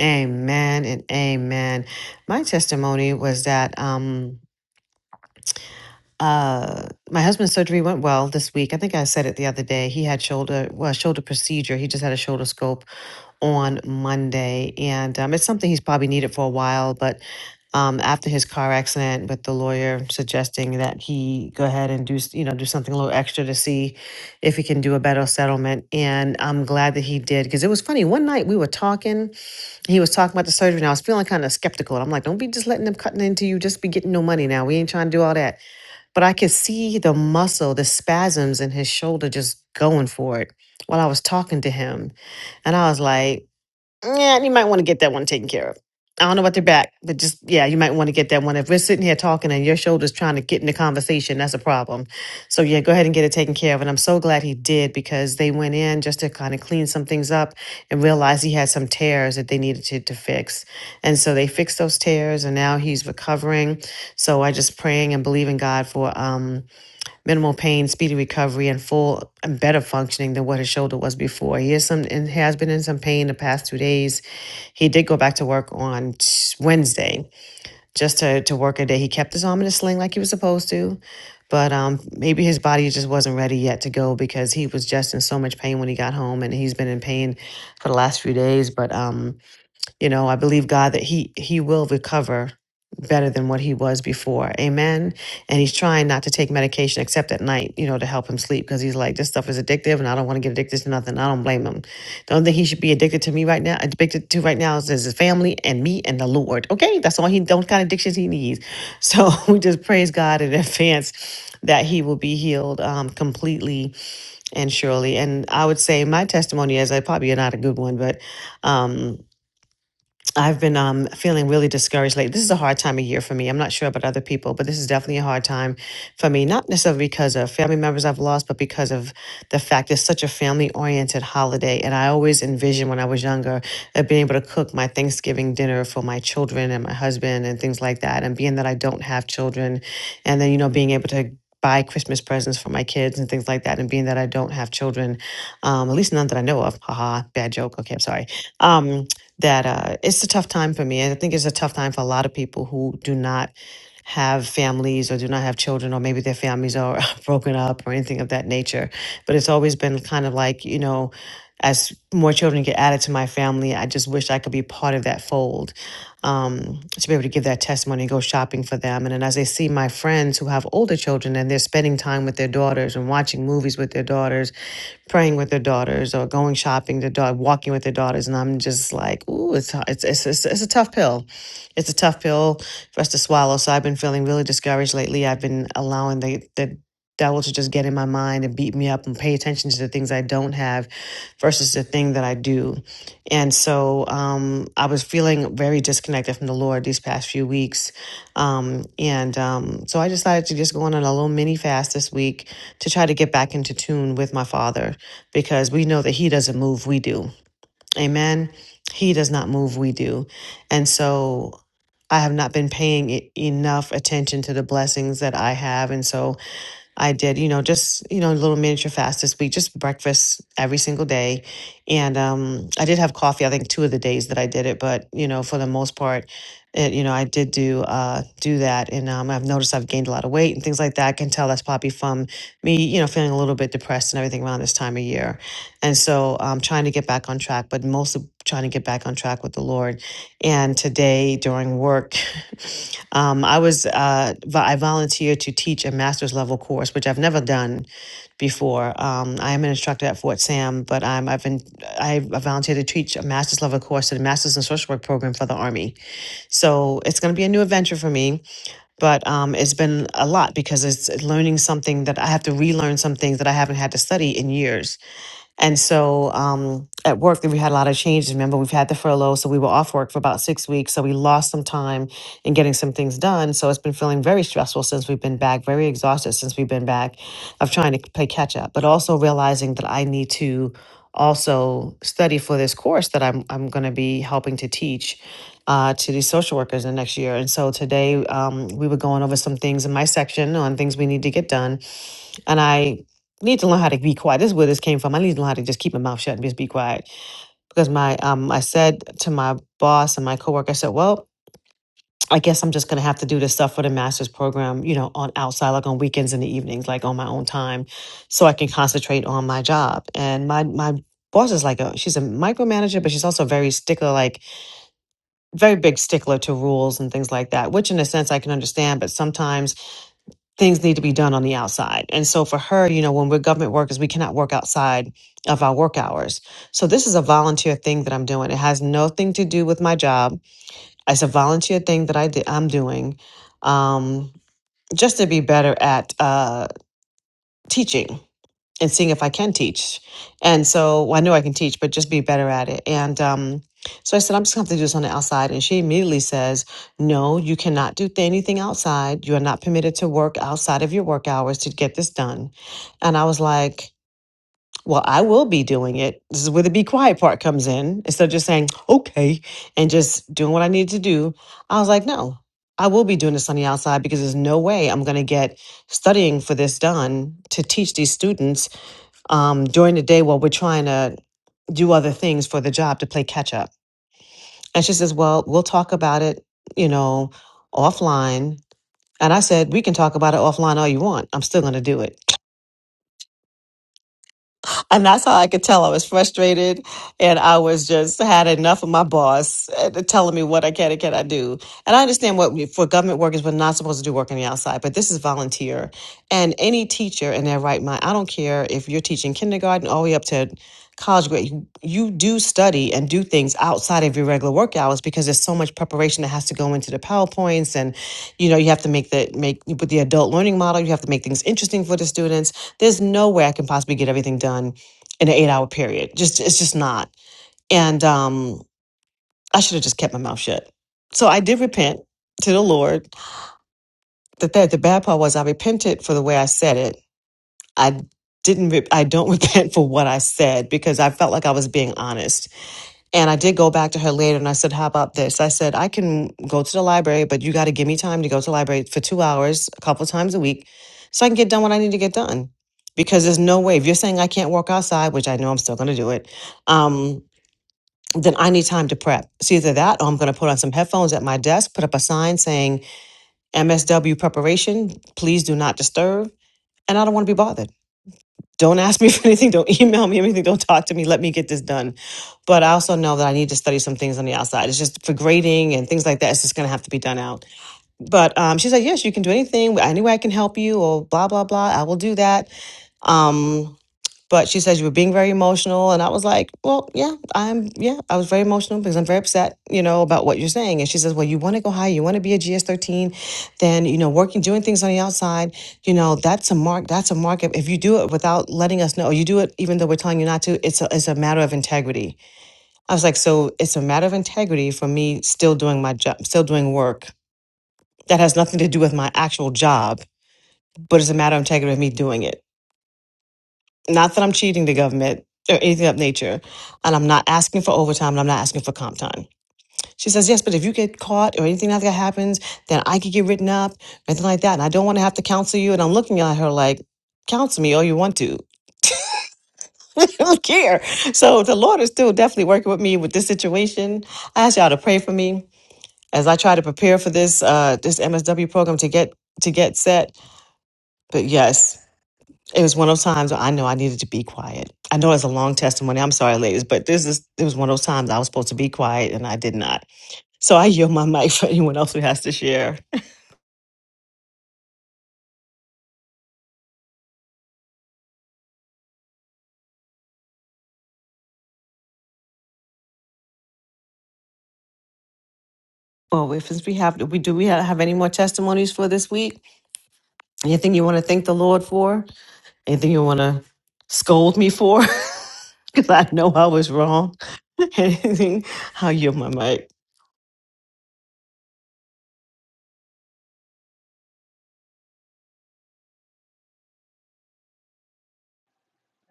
S1: Amen and amen. My testimony was that um uh my husband's surgery went well this week. I think I said it the other day. He had shoulder well, shoulder procedure. He just had a shoulder scope on Monday, and um, it's something he's probably needed for a while. But um, after his car accident, with the lawyer suggesting that he go ahead and do s- you know do something a little extra to see if he can do a better settlement, and I'm glad that he did because it was funny. One night we were talking, he was talking about the surgery, and I was feeling kind of skeptical. I'm like, don't be just letting them cutting into you, just be getting no money now. We ain't trying to do all that. But I could see the muscle, the spasms in his shoulder, just going for it while I was talking to him. And I was like, yeah, you might want to get that one taken care of. I don't know about their back, but just yeah, you might want to get that one. If we're sitting here talking and your shoulder's trying to get in the conversation, that's a problem. So yeah, go ahead and get it taken care of. And I'm so glad he did because they went in just to kind of clean some things up and realized he had some tears that they needed to, to fix. And so they fixed those tears and now he's recovering. So I just praying and believing God for um minimal pain, speedy recovery, and full and better functioning than what his shoulder was before. He is some and has been in some pain the past two days. He did go back to work on t- Wednesday just to, to work a day. He kept his arm in a sling like he was supposed to, but um, maybe his body just wasn't ready yet to go because he was just in so much pain when he got home, and he's been in pain for the last few days. But um, you know i believe god that he he will recover better than what he was before amen and he's trying not to take medication except at night you know to help him sleep because he's like this stuff is addictive and i don't want to get addicted to nothing i don't blame him the only thing he should be addicted to me right now addicted to right now is his family and me and the lord okay that's all he those kind of addictions he needs so we just praise god in advance that he will be healed um, completely and surely and i would say my testimony is i probably not a good one but um, I've been um, feeling really discouraged lately. This is a hard time of year for me. I'm not sure about other people, but this is definitely a hard time for me. Not necessarily because of family members I've lost, but because of the fact it's such a family oriented holiday. And I always envisioned when I was younger of being able to cook my Thanksgiving dinner for my children and my husband and things like that. And being that I don't have children, and then, you know, being able to buy Christmas presents for my kids and things like that. And being that I don't have children, um, at least none that I know of, haha, bad joke. Okay, I'm sorry. Um, that uh, it's a tough time for me. And I think it's a tough time for a lot of people who do not have families or do not have children, or maybe their families are broken up or anything of that nature. But it's always been kind of like, you know, as more children get added to my family, I just wish I could be part of that fold um, to be able to give that testimony and go shopping for them. And then as I see my friends who have older children and they're spending time with their daughters and watching movies with their daughters praying with their daughters or going shopping, their dog walking with their daughters, and I'm just like, ooh, it's it's it's it's, it's a tough pill. It's a tough pill for us to swallow. So I've been feeling really discouraged lately. I've been allowing the the devil to just get in my mind and beat me up and pay attention to the things I don't have versus the thing that I do. And so um, I was feeling very disconnected from the Lord these past few weeks. Um, and um, so I decided to just go on a little mini fast this week to try to get back into tune with my father because we know that he doesn't move, we do. Amen. He does not move, we do. And so I have not been paying e- enough attention to the blessings that I have. And so I did, you know, just, you know, a little miniature fast this week, just breakfast every single day. And um, I did have coffee, I think, two of the days that I did it. But, you know, for the most part, it, you know, I did do uh, do that. And um, I've noticed I've gained a lot of weight and things like that. I can tell that's probably from me, you know, feeling a little bit depressed and everything around this time of year. And so I'm trying to get back on track, but mostly trying to get back on track with the Lord. And today during work, um, I was uh, vo- I volunteered to teach a master's level course, which I've never done before. Um, I am an instructor at Fort Sam, but I'm, I've been I volunteered to teach a master's level course at a master's in social work program for the Army. So it's going to be a new adventure for me, but um, it's been a lot because it's learning something that I have to relearn some things that I haven't had to study in years. And so um, at work, we had a lot of changes. Remember, we've had the furlough, so we were off work for about six weeks. So we lost some time in getting some things done. So it's been feeling very stressful since we've been back, very exhausted since we've been back of trying to play catch up, but also realizing that I need to also study for this course that I'm, I'm going to be helping to teach. Uh, to these social workers in next year. And so today um, we were going over some things in my section on things we need to get done and I need to learn how to be quiet. This is where this came from. I need to learn how to just keep my mouth shut and just be quiet. Because my um I said to my boss and my coworker, I said, Well, I guess I'm just gonna have to do this stuff for the master's program, you know, on outside, like on weekends and the evenings, like on my own time, so I can concentrate on my job. And my my boss is like a she's a micromanager, but she's also very stickler, like very big stickler to rules and things like that, which in a sense I can understand, but sometimes things need to be done on the outside. And so for her, you know, when we're government workers, we cannot work outside of our work hours. So this is a volunteer thing that I'm doing. It has nothing to do with my job. It's a volunteer thing that I did, I'm doing um, just to be better at uh, teaching and seeing if I can teach. And so well, I know I can teach, but just be better at it. And um, so I said, I'm just going to have to do this on the outside. And she immediately says, No, you cannot do th- anything outside. You are not permitted to work outside of your work hours to get this done. And I was like, well, I will be doing it. This is where the be quiet part comes in. Instead of just saying, okay, and just doing what I need to do, I was like, no, I will be doing this on the outside because there's no way I'm going to get studying for this done to teach these students um, during the day while we're trying to do other things for the job to play catch up. And she says, Well, we'll talk about it, you know, offline. And I said, We can talk about it offline all you want. I'm still going to do it. And that's how I could tell I was frustrated and I was just had enough of my boss uh, telling me what I can and cannot do. And I understand what we, for government workers, we're not supposed to do work on the outside, but this is volunteer. And any teacher in their right mind, I don't care if you're teaching kindergarten all the way up to college grade, you, you do study and do things outside of your regular work hours because there's so much preparation that has to go into the PowerPoints and you know, you have to make the make with the adult learning model, you have to make things interesting for the students. There's no way I can possibly get everything done in an eight hour period. Just it's just not. And um, I should have just kept my mouth shut. So I did repent to the Lord. The that the bad part was I repented for the way I said it. I didn't. Re- I don't repent for what I said because I felt like I was being honest. And I did go back to her later and I said, "How about this?" I said, "I can go to the library, but you got to give me time to go to the library for two hours, a couple of times a week, so I can get done what I need to get done." Because there's no way if you're saying I can't walk outside, which I know I'm still going to do it. Um, then I need time to prep. It's either that or I'm going to put on some headphones at my desk, put up a sign saying MSW preparation, please do not disturb. And I don't want to be bothered. Don't ask me for anything. Don't email me anything. Don't talk to me. Let me get this done. But I also know that I need to study some things on the outside. It's just for grading and things like that. It's just going to have to be done out. But um, she's like, yes, you can do anything. Any way I can help you or blah, blah, blah. I will do that. Um, but she says you were being very emotional. And I was like, well, yeah, I'm, yeah, I was very emotional because I'm very upset, you know, about what you're saying. And she says, well, you want to go higher, you want to be a GS13, then, you know, working, doing things on the outside, you know, that's a mark, that's a mark. If if you do it without letting us know, or you do it even though we're telling you not to, it's a, it's a matter of integrity. I was like, so it's a matter of integrity for me still doing my job, still doing work that has nothing to do with my actual job, but it's a matter of integrity of me doing it. Not that I'm cheating the government or anything of that nature. And I'm not asking for overtime and I'm not asking for comp time. She says, Yes, but if you get caught or anything like that happens, then I could get written up, anything like that. And I don't want to have to counsel you. And I'm looking at her like, counsel me all you want to. I don't care. So the Lord is still definitely working with me with this situation. I ask y'all to pray for me as I try to prepare for this uh this MSW program to get to get set. But yes. It was one of those times where I knew I needed to be quiet. I know it's a long testimony. I'm sorry, ladies, but this is it was one of those times I was supposed to be quiet and I did not. So I yield my mic for anyone else who has to share. Well, if we have, we do we have any more testimonies for this week? Anything you want to thank the Lord for? Anything you want to scold me for? Because I know I was wrong. Anything? I'll yield my mic.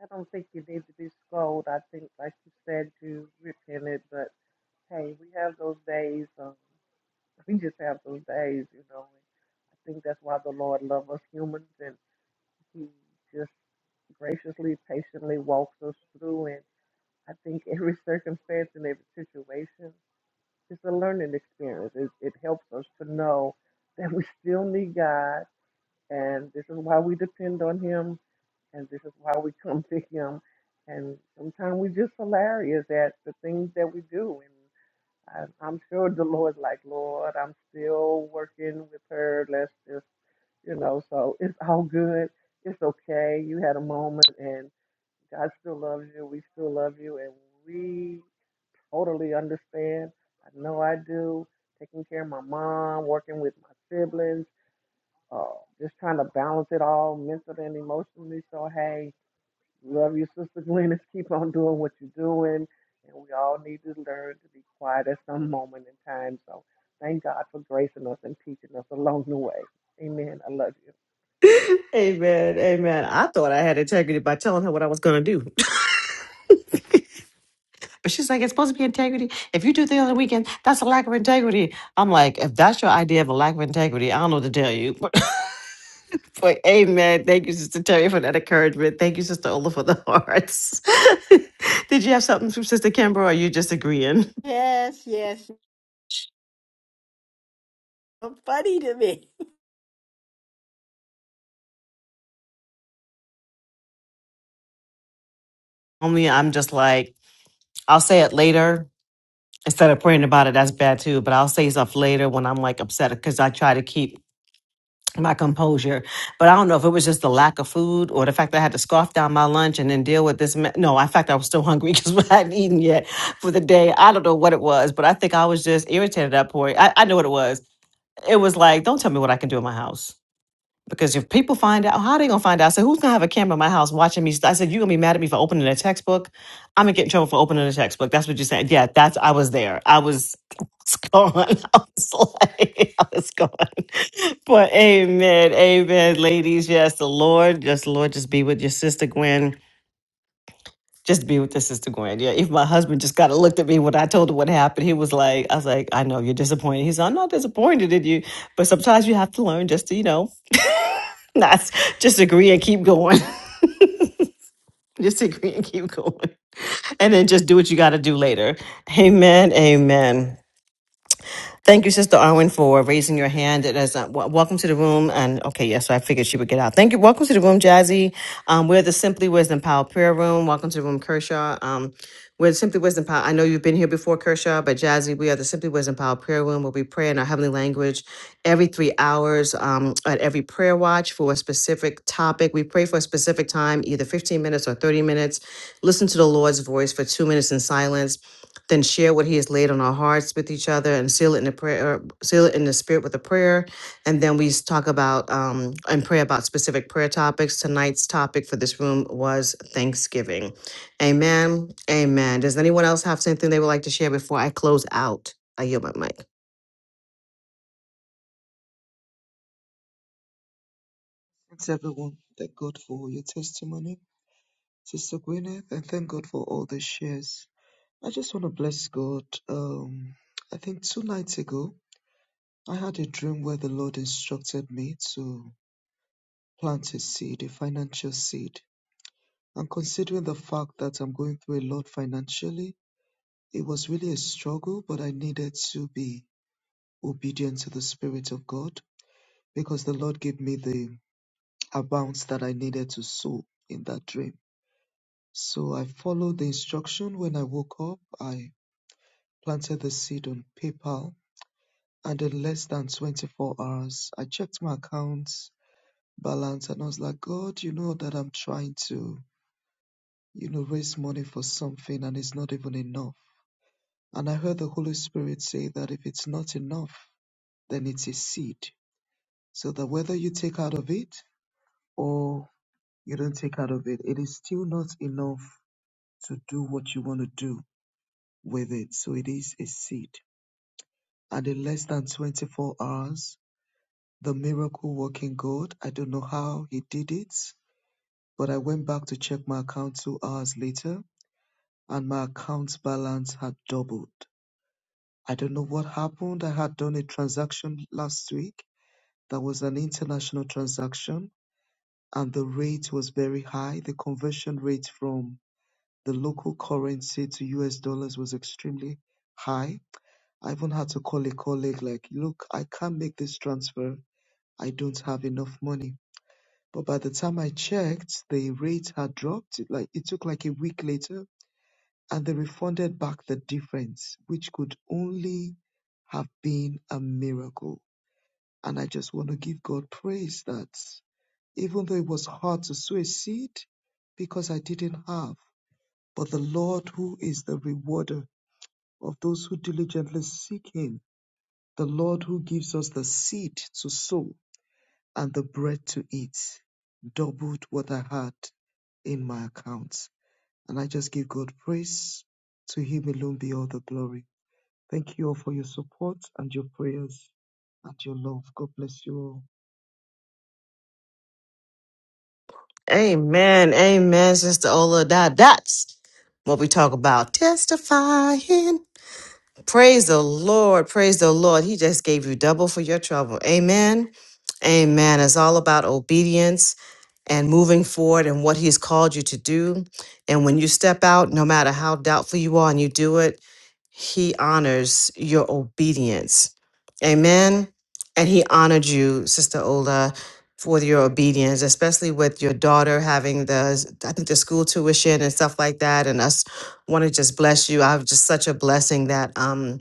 S3: I don't think you need to be scolded. I think, like you said, you repented. But hey, we have those days. of We just have those days, you know. And I think that's why the Lord loves us humans and He just graciously, patiently walks us through. And I think every circumstance and every situation is a learning experience. It, it helps us to know that we still need God, and this is why we depend on Him, and this is why we come to Him. And sometimes we're just hilarious at the things that we do. I, I'm sure the Lord's like, Lord, I'm still working with her. Let's just, you know, so it's all good. It's okay. You had a moment and God still loves you. We still love you. And we totally understand. I know I do. Taking care of my mom, working with my siblings, uh, just trying to balance it all mentally and emotionally. So, hey, Love you, Sister Glennis. Keep on doing what you're doing. And we all need to learn to be quiet at some moment in time. So thank God for gracing us and teaching us along the way. Amen. I love you.
S1: Amen. Amen. I thought I had integrity by telling her what I was going to do. But she's like, it's supposed to be integrity. If you do things on the weekend, that's a lack of integrity. I'm like, if that's your idea of a lack of integrity, I don't know what to tell you. But amen. Thank you, Sister Terry, for that encouragement. Thank you, Sister Ola, for the hearts. Did you have something from Sister Kimber, or are you just agreeing?
S2: Yes, yes. Funny to me.
S1: Only I'm just like, I'll say it later instead of praying about it. That's bad too. But I'll say stuff later when I'm like upset because I try to keep my composure. But I don't know if it was just the lack of food or the fact that I had to scarf down my lunch and then deal with this. Me- no, in fact, I was still hungry because I hadn't eaten yet for the day. I don't know what it was, but I think I was just irritated at that point. I, I know what it was. It was like, don't tell me what I can do in my house. Because if people find out, how are they gonna find out? I said, who's gonna have a camera in my house watching me? I said, you're gonna be mad at me for opening a textbook. I'm gonna get in trouble for opening a textbook. That's what you said. Yeah, that's I was there. I was, I was gone. I was like, I was gone. But amen, amen, ladies. Yes, the Lord, yes, the Lord, just be with your sister Gwen. Just be with your sister Gwen. Yeah. If my husband just kind of looked at me when I told him what happened, he was like, I was like, I know you're disappointed. He's like, I'm not disappointed in you. But sometimes you have to learn just to, you know, That's just agree and keep going. Just agree and keep going. And then just do what you got to do later. Amen. Amen. Thank you, Sister Arwen, for raising your hand. It is, uh, w- welcome to the room. And okay, yes, so I figured she would get out. Thank you. Welcome to the room, Jazzy. Um, we're the Simply Wisdom Power Prayer Room. Welcome to the room, Kershaw. Um, we're the Simply Wisdom Power. I know you've been here before, Kershaw, but Jazzy, we are the Simply Wisdom Power Prayer Room where we pray in our heavenly language every three hours um, at every prayer watch for a specific topic. We pray for a specific time, either 15 minutes or 30 minutes. Listen to the Lord's voice for two minutes in silence then share what he has laid on our hearts with each other and seal it in the prayer seal it in the spirit with a prayer and then we s- talk about um and pray about specific prayer topics tonight's topic for this room was thanksgiving amen amen does anyone else have something they would like to share before i close out i yield my mic
S4: Thanks everyone. Thank God for your testimony, Sister Gwyneth, and thank God for all the shares. I just want to bless God. Um, I think two nights ago, I had a dream where the Lord instructed me to plant a seed, a financial seed. And considering the fact that I'm going through a lot financially, it was really a struggle, but I needed to be obedient to the Spirit of God because the Lord gave me the amount that I needed to sow in that dream. So I followed the instruction when I woke up. I planted the seed on PayPal, and in less than 24 hours, I checked my accounts balance and I was like, God, you know that I'm trying to, you know, raise money for something and it's not even enough. And I heard the Holy Spirit say that if it's not enough, then it's a seed. So that whether you take out of it or you don't take out of it, it is still not enough to do what you want to do with it. So it is a seed. And in less than 24 hours, the miracle working God, I don't know how he did it, but I went back to check my account two hours later and my account balance had doubled. I don't know what happened. I had done a transaction last week that was an international transaction and the rate was very high. The conversion rate from the local currency to US dollars was extremely high. I even had to call a colleague like, look, I can't make this transfer I don't have enough money. But by the time I checked, the rate had dropped. It, like it took like a week later, and they refunded back the difference, which could only have been a miracle. And I just want to give God praise that even though it was hard to sow a seed because I didn't have, but the Lord who is the rewarder of those who diligently seek Him, the Lord who gives us the seed to sow and the bread to eat doubled what I had in my account. And I just give God praise. To Him alone be all the glory. Thank you all for your support and your prayers and your love. God bless you all.
S1: amen amen sister ola that that's what we talk about testifying Praise the Lord. Praise the Lord. He just gave you double for your trouble. Amen. Amen. It's all about obedience and moving forward and what he's called you to do. And when you step out, no matter how doubtful you are and you do it, he honors your obedience. Amen. And he honored you, Sister Ola, for your obedience, especially with your daughter having the, I think the school tuition and stuff like that, and us want to just bless you. I was just such a blessing that um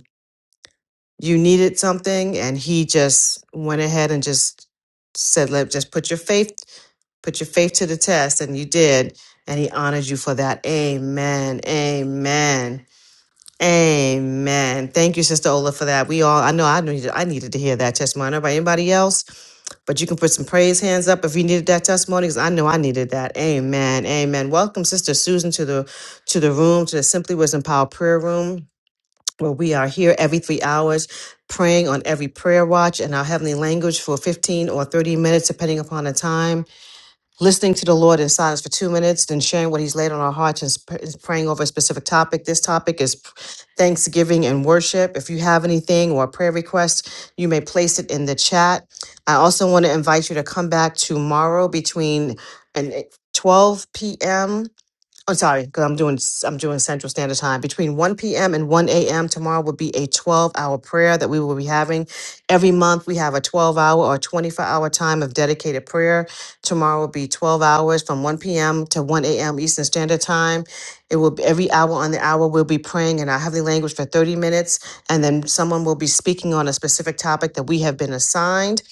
S1: you needed something and he just went ahead and just said, Let just put your faith, put your faith to the test, and you did, and he honored you for that. Amen. Amen. Amen. Thank you, Sister Ola, for that. We all I know I needed I needed to hear that testimony. Not by anybody else, but you can put some praise hands up if you needed that testimony, because I know I needed that. Amen. Amen. Welcome, Sister Susan, to the to the room, to the Simply Wisdom Power Prayer Room where we are here every three hours praying on every prayer watch in our heavenly language for 15 or 30 minutes, depending upon the time, listening to the Lord in silence for two minutes, then sharing what He's laid on our hearts and sp- is praying over a specific topic. This topic is thanksgiving and worship. If you have anything or a prayer request, you may place it in the chat. I also want to invite you to come back tomorrow between an eh, 12 p.m. I'm sorry, because I'm doing I'm doing Central Standard Time. Between 1 p.m. and 1 a.m. tomorrow will be a 12-hour prayer that we will be having. Every month we have a 12-hour or 24-hour time of dedicated prayer. Tomorrow will be 12 hours from 1 p.m. to 1 a.m. Eastern Standard Time. It will be every hour on the hour we'll be praying in our heavenly language for 30 minutes, and then someone will be speaking on a specific topic that we have been assigned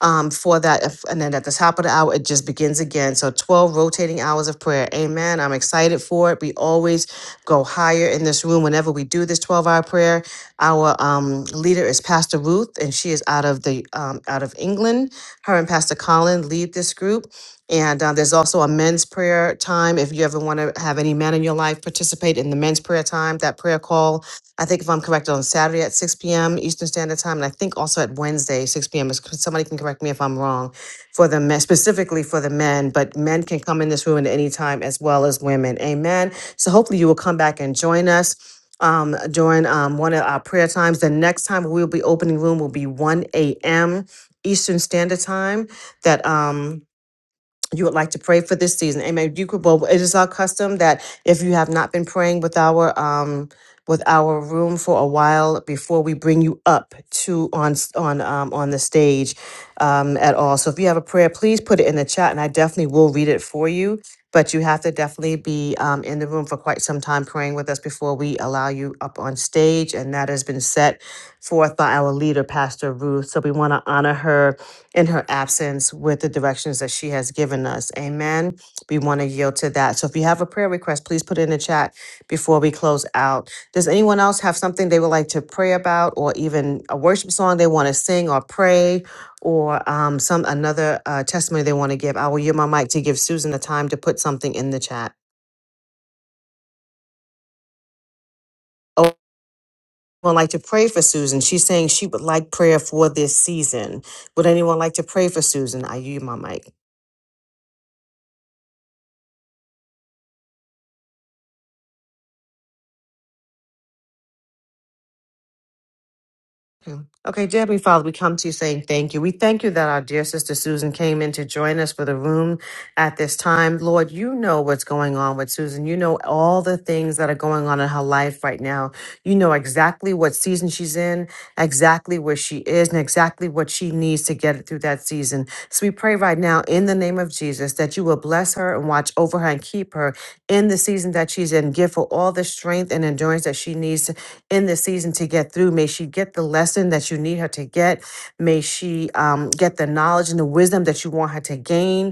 S1: um, for that. If, and then at the top of the hour, it just begins again. So 12 rotating hours of prayer. Amen. I'm excited for it. We always go higher in this room whenever we do this 12 hour prayer. Our um, leader is Pastor Ruth, and she is out of the um, out of England. Her and Pastor Colin lead this group. And uh, there's also a men's prayer time. If you ever want to have any men in your life participate in the men's prayer time, that prayer call I think if I'm correct, on Saturday at 6 p.m. Eastern Standard Time, and I think also at Wednesday, 6 p.m. is- Somebody can correct me if I'm wrong for the men, specifically for the men, but men can come in this room at any time as well as women. Amen. So hopefully you will come back and join us. Um, during um, one of our prayer times. The next time we'll be opening room will be 1 a.m. Eastern Standard Time. That um, you would like to pray for this season. Amen. You could well it is our custom that if you have not been praying with our um with our room for a while before we bring you up to on s- on um on the stage um at all. So if you have a prayer, please put it in the chat and I definitely will read it for you. But you have to definitely be um, in the room for quite some time praying with us before we allow you up on stage. And that has been set forth by our leader, Pastor Ruth. So we want to honor her in her absence with the directions that she has given us. Amen. We want to yield to that. So if you have a prayer request, please put it in the chat before we close out. Does anyone else have something they would like to pray about or even a worship song they want to sing or pray or um, some another uh, testimony they want to give? I will yield my mic to give Susan the time to put something in the chat. Oh, Would like to pray for Susan. She's saying she would like prayer for this season. Would anyone like to pray for Susan? I yield my mic. Okay, Okay, dear Heavenly Father, we come to you saying thank you. We thank you that our dear sister Susan came in to join us for the room at this time. Lord, you know what's going on with Susan. You know all the things that are going on in her life right now. You know exactly what season she's in, exactly where she is, and exactly what she needs to get it through that season. So we pray right now in the name of Jesus that you will bless her and watch over her and keep her in the season that she's in. Give her all the strength and endurance that she needs in this season to get through. May she get the lesson that you need her to get. May she um, get the knowledge and the wisdom that you want her to gain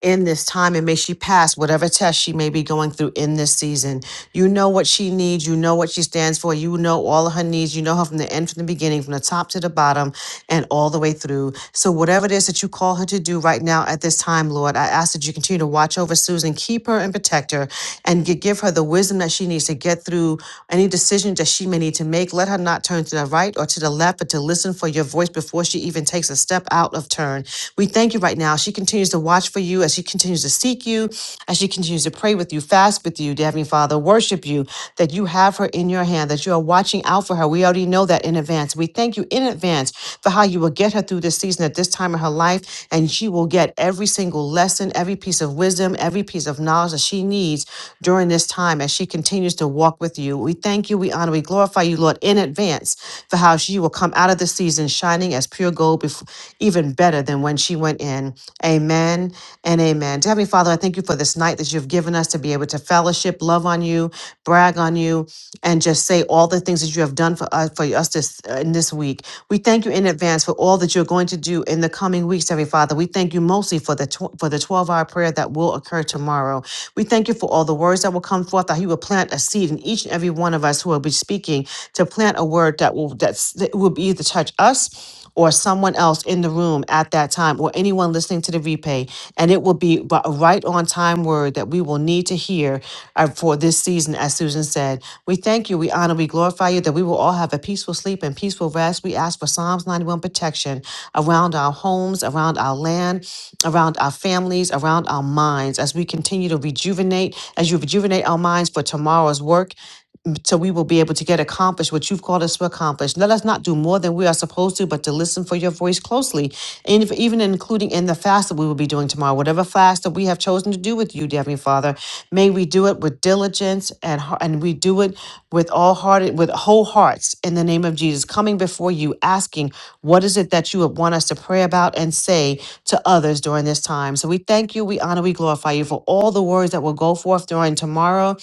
S1: in this time and may she pass whatever test she may be going through in this season. You know what she needs. You know what she stands for. You know all of her needs. You know her from the end, from the beginning, from the top to the bottom, and all the way through. So, whatever it is that you call her to do right now at this time, Lord, I ask that you continue to watch over Susan, keep her and protect her, and gi- give her the wisdom that she needs to get through any decisions that she may need to make. Let her not turn to the right or to the left, but to listen for your voice before she even takes a step out of turn. We thank you right now. She continues to watch for you as she continues to seek you, as she continues to pray with you, fast with you, dear Heavenly Father, worship you, that you have her in your hand, that you are watching out for her. We already know that in advance. We thank you in advance for how you will get her through this season at this time in her life, and she will get every single lesson, every piece of wisdom, every piece of knowledge that she needs during this time as she continues to walk with you. We thank you, we honor, we glorify you, Lord, in advance for how she will come out of the season shining as pure gold, before, even better than when she went in. Amen and amen. Dear Heavenly Father, I thank you for this night that you've given us to be able to fellowship, love on you, brag on you, and just say all the things that you have done for us for us this uh, in this week. We thank you in advance for all that you're going to do in the coming weeks, Heavenly Father. We thank you mostly for the tw- for the 12-hour prayer that will occur tomorrow. We thank you for all the words that will come forth, that you will plant a seed in each and every one of us who will be speaking to plant a word word that will that's that will be either touch us or someone else in the room at that time or anyone listening to the replay and it will be bu- a right on time word that we will need to hear uh, for this season as susan said we thank you we honor we glorify you that we will all have a peaceful sleep and peaceful rest we ask for psalms 91 protection around our homes around our land around our families around our minds as we continue to rejuvenate as you rejuvenate our minds for tomorrow's work so we will be able to get accomplished what you've called us to accomplish. Let us not do more than we are supposed to, but to listen for your voice closely, and if, even including in the fast that we will be doing tomorrow, whatever fast that we have chosen to do with you, dear Heavenly Father, may we do it with diligence and har- and we do it with all hearted with whole hearts in the name of Jesus coming before you asking what is it that you would want us to pray about and say to others during this time so we thank you we honor we glorify you for all the words that will go forth during tomorrow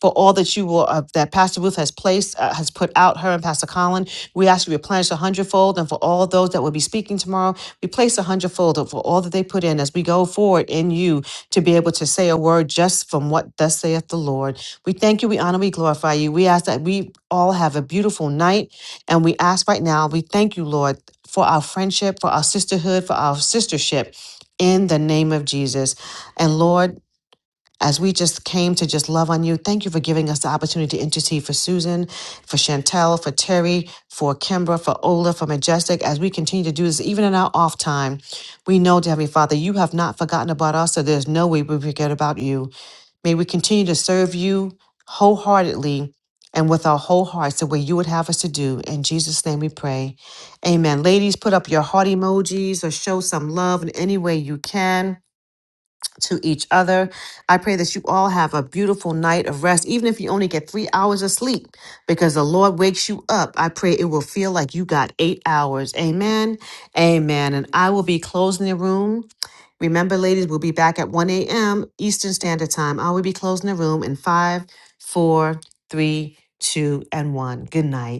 S1: for all that you will uh, that Pastor Ruth has placed uh, has has put out, her and Pastor Colin. We ask you to replenish a hundredfold, and for all those that will be speaking tomorrow, we place a hundredfold for all that they put in as we go forward in you to be able to say a word just from what thus saith the Lord. We thank you, we honor, we glorify you. We ask that we all have a beautiful night, and we ask right now, we thank you, Lord, for our friendship, for our sisterhood, for our sistership. In the name of Jesus. And Lord, as we just came to just love on you. Thank you for giving us the opportunity to intercede for Susan, for Chantel, for Terry, for Kimbra, for Ola, for Majestic. As we continue to do this, even in our off time, we know, dear Heavenly Father, you have not forgotten about us, so there's no way we forget about you. May we continue to serve you wholeheartedly and with our whole hearts the way you would have us to do. In Jesus' name we pray. Amen. Ladies, put up your heart emojis or show some love in any way you can to each other. I pray that you all have a beautiful night of rest, even if you only get three hours of sleep, because the Lord wakes you up. I pray it will feel like you got eight hours. Amen. Amen. And I will be closing the room. Remember, ladies, we'll be back at 1 a.m. Eastern Standard Time. I will be closing the room in five, four, three, two, and one. Good night.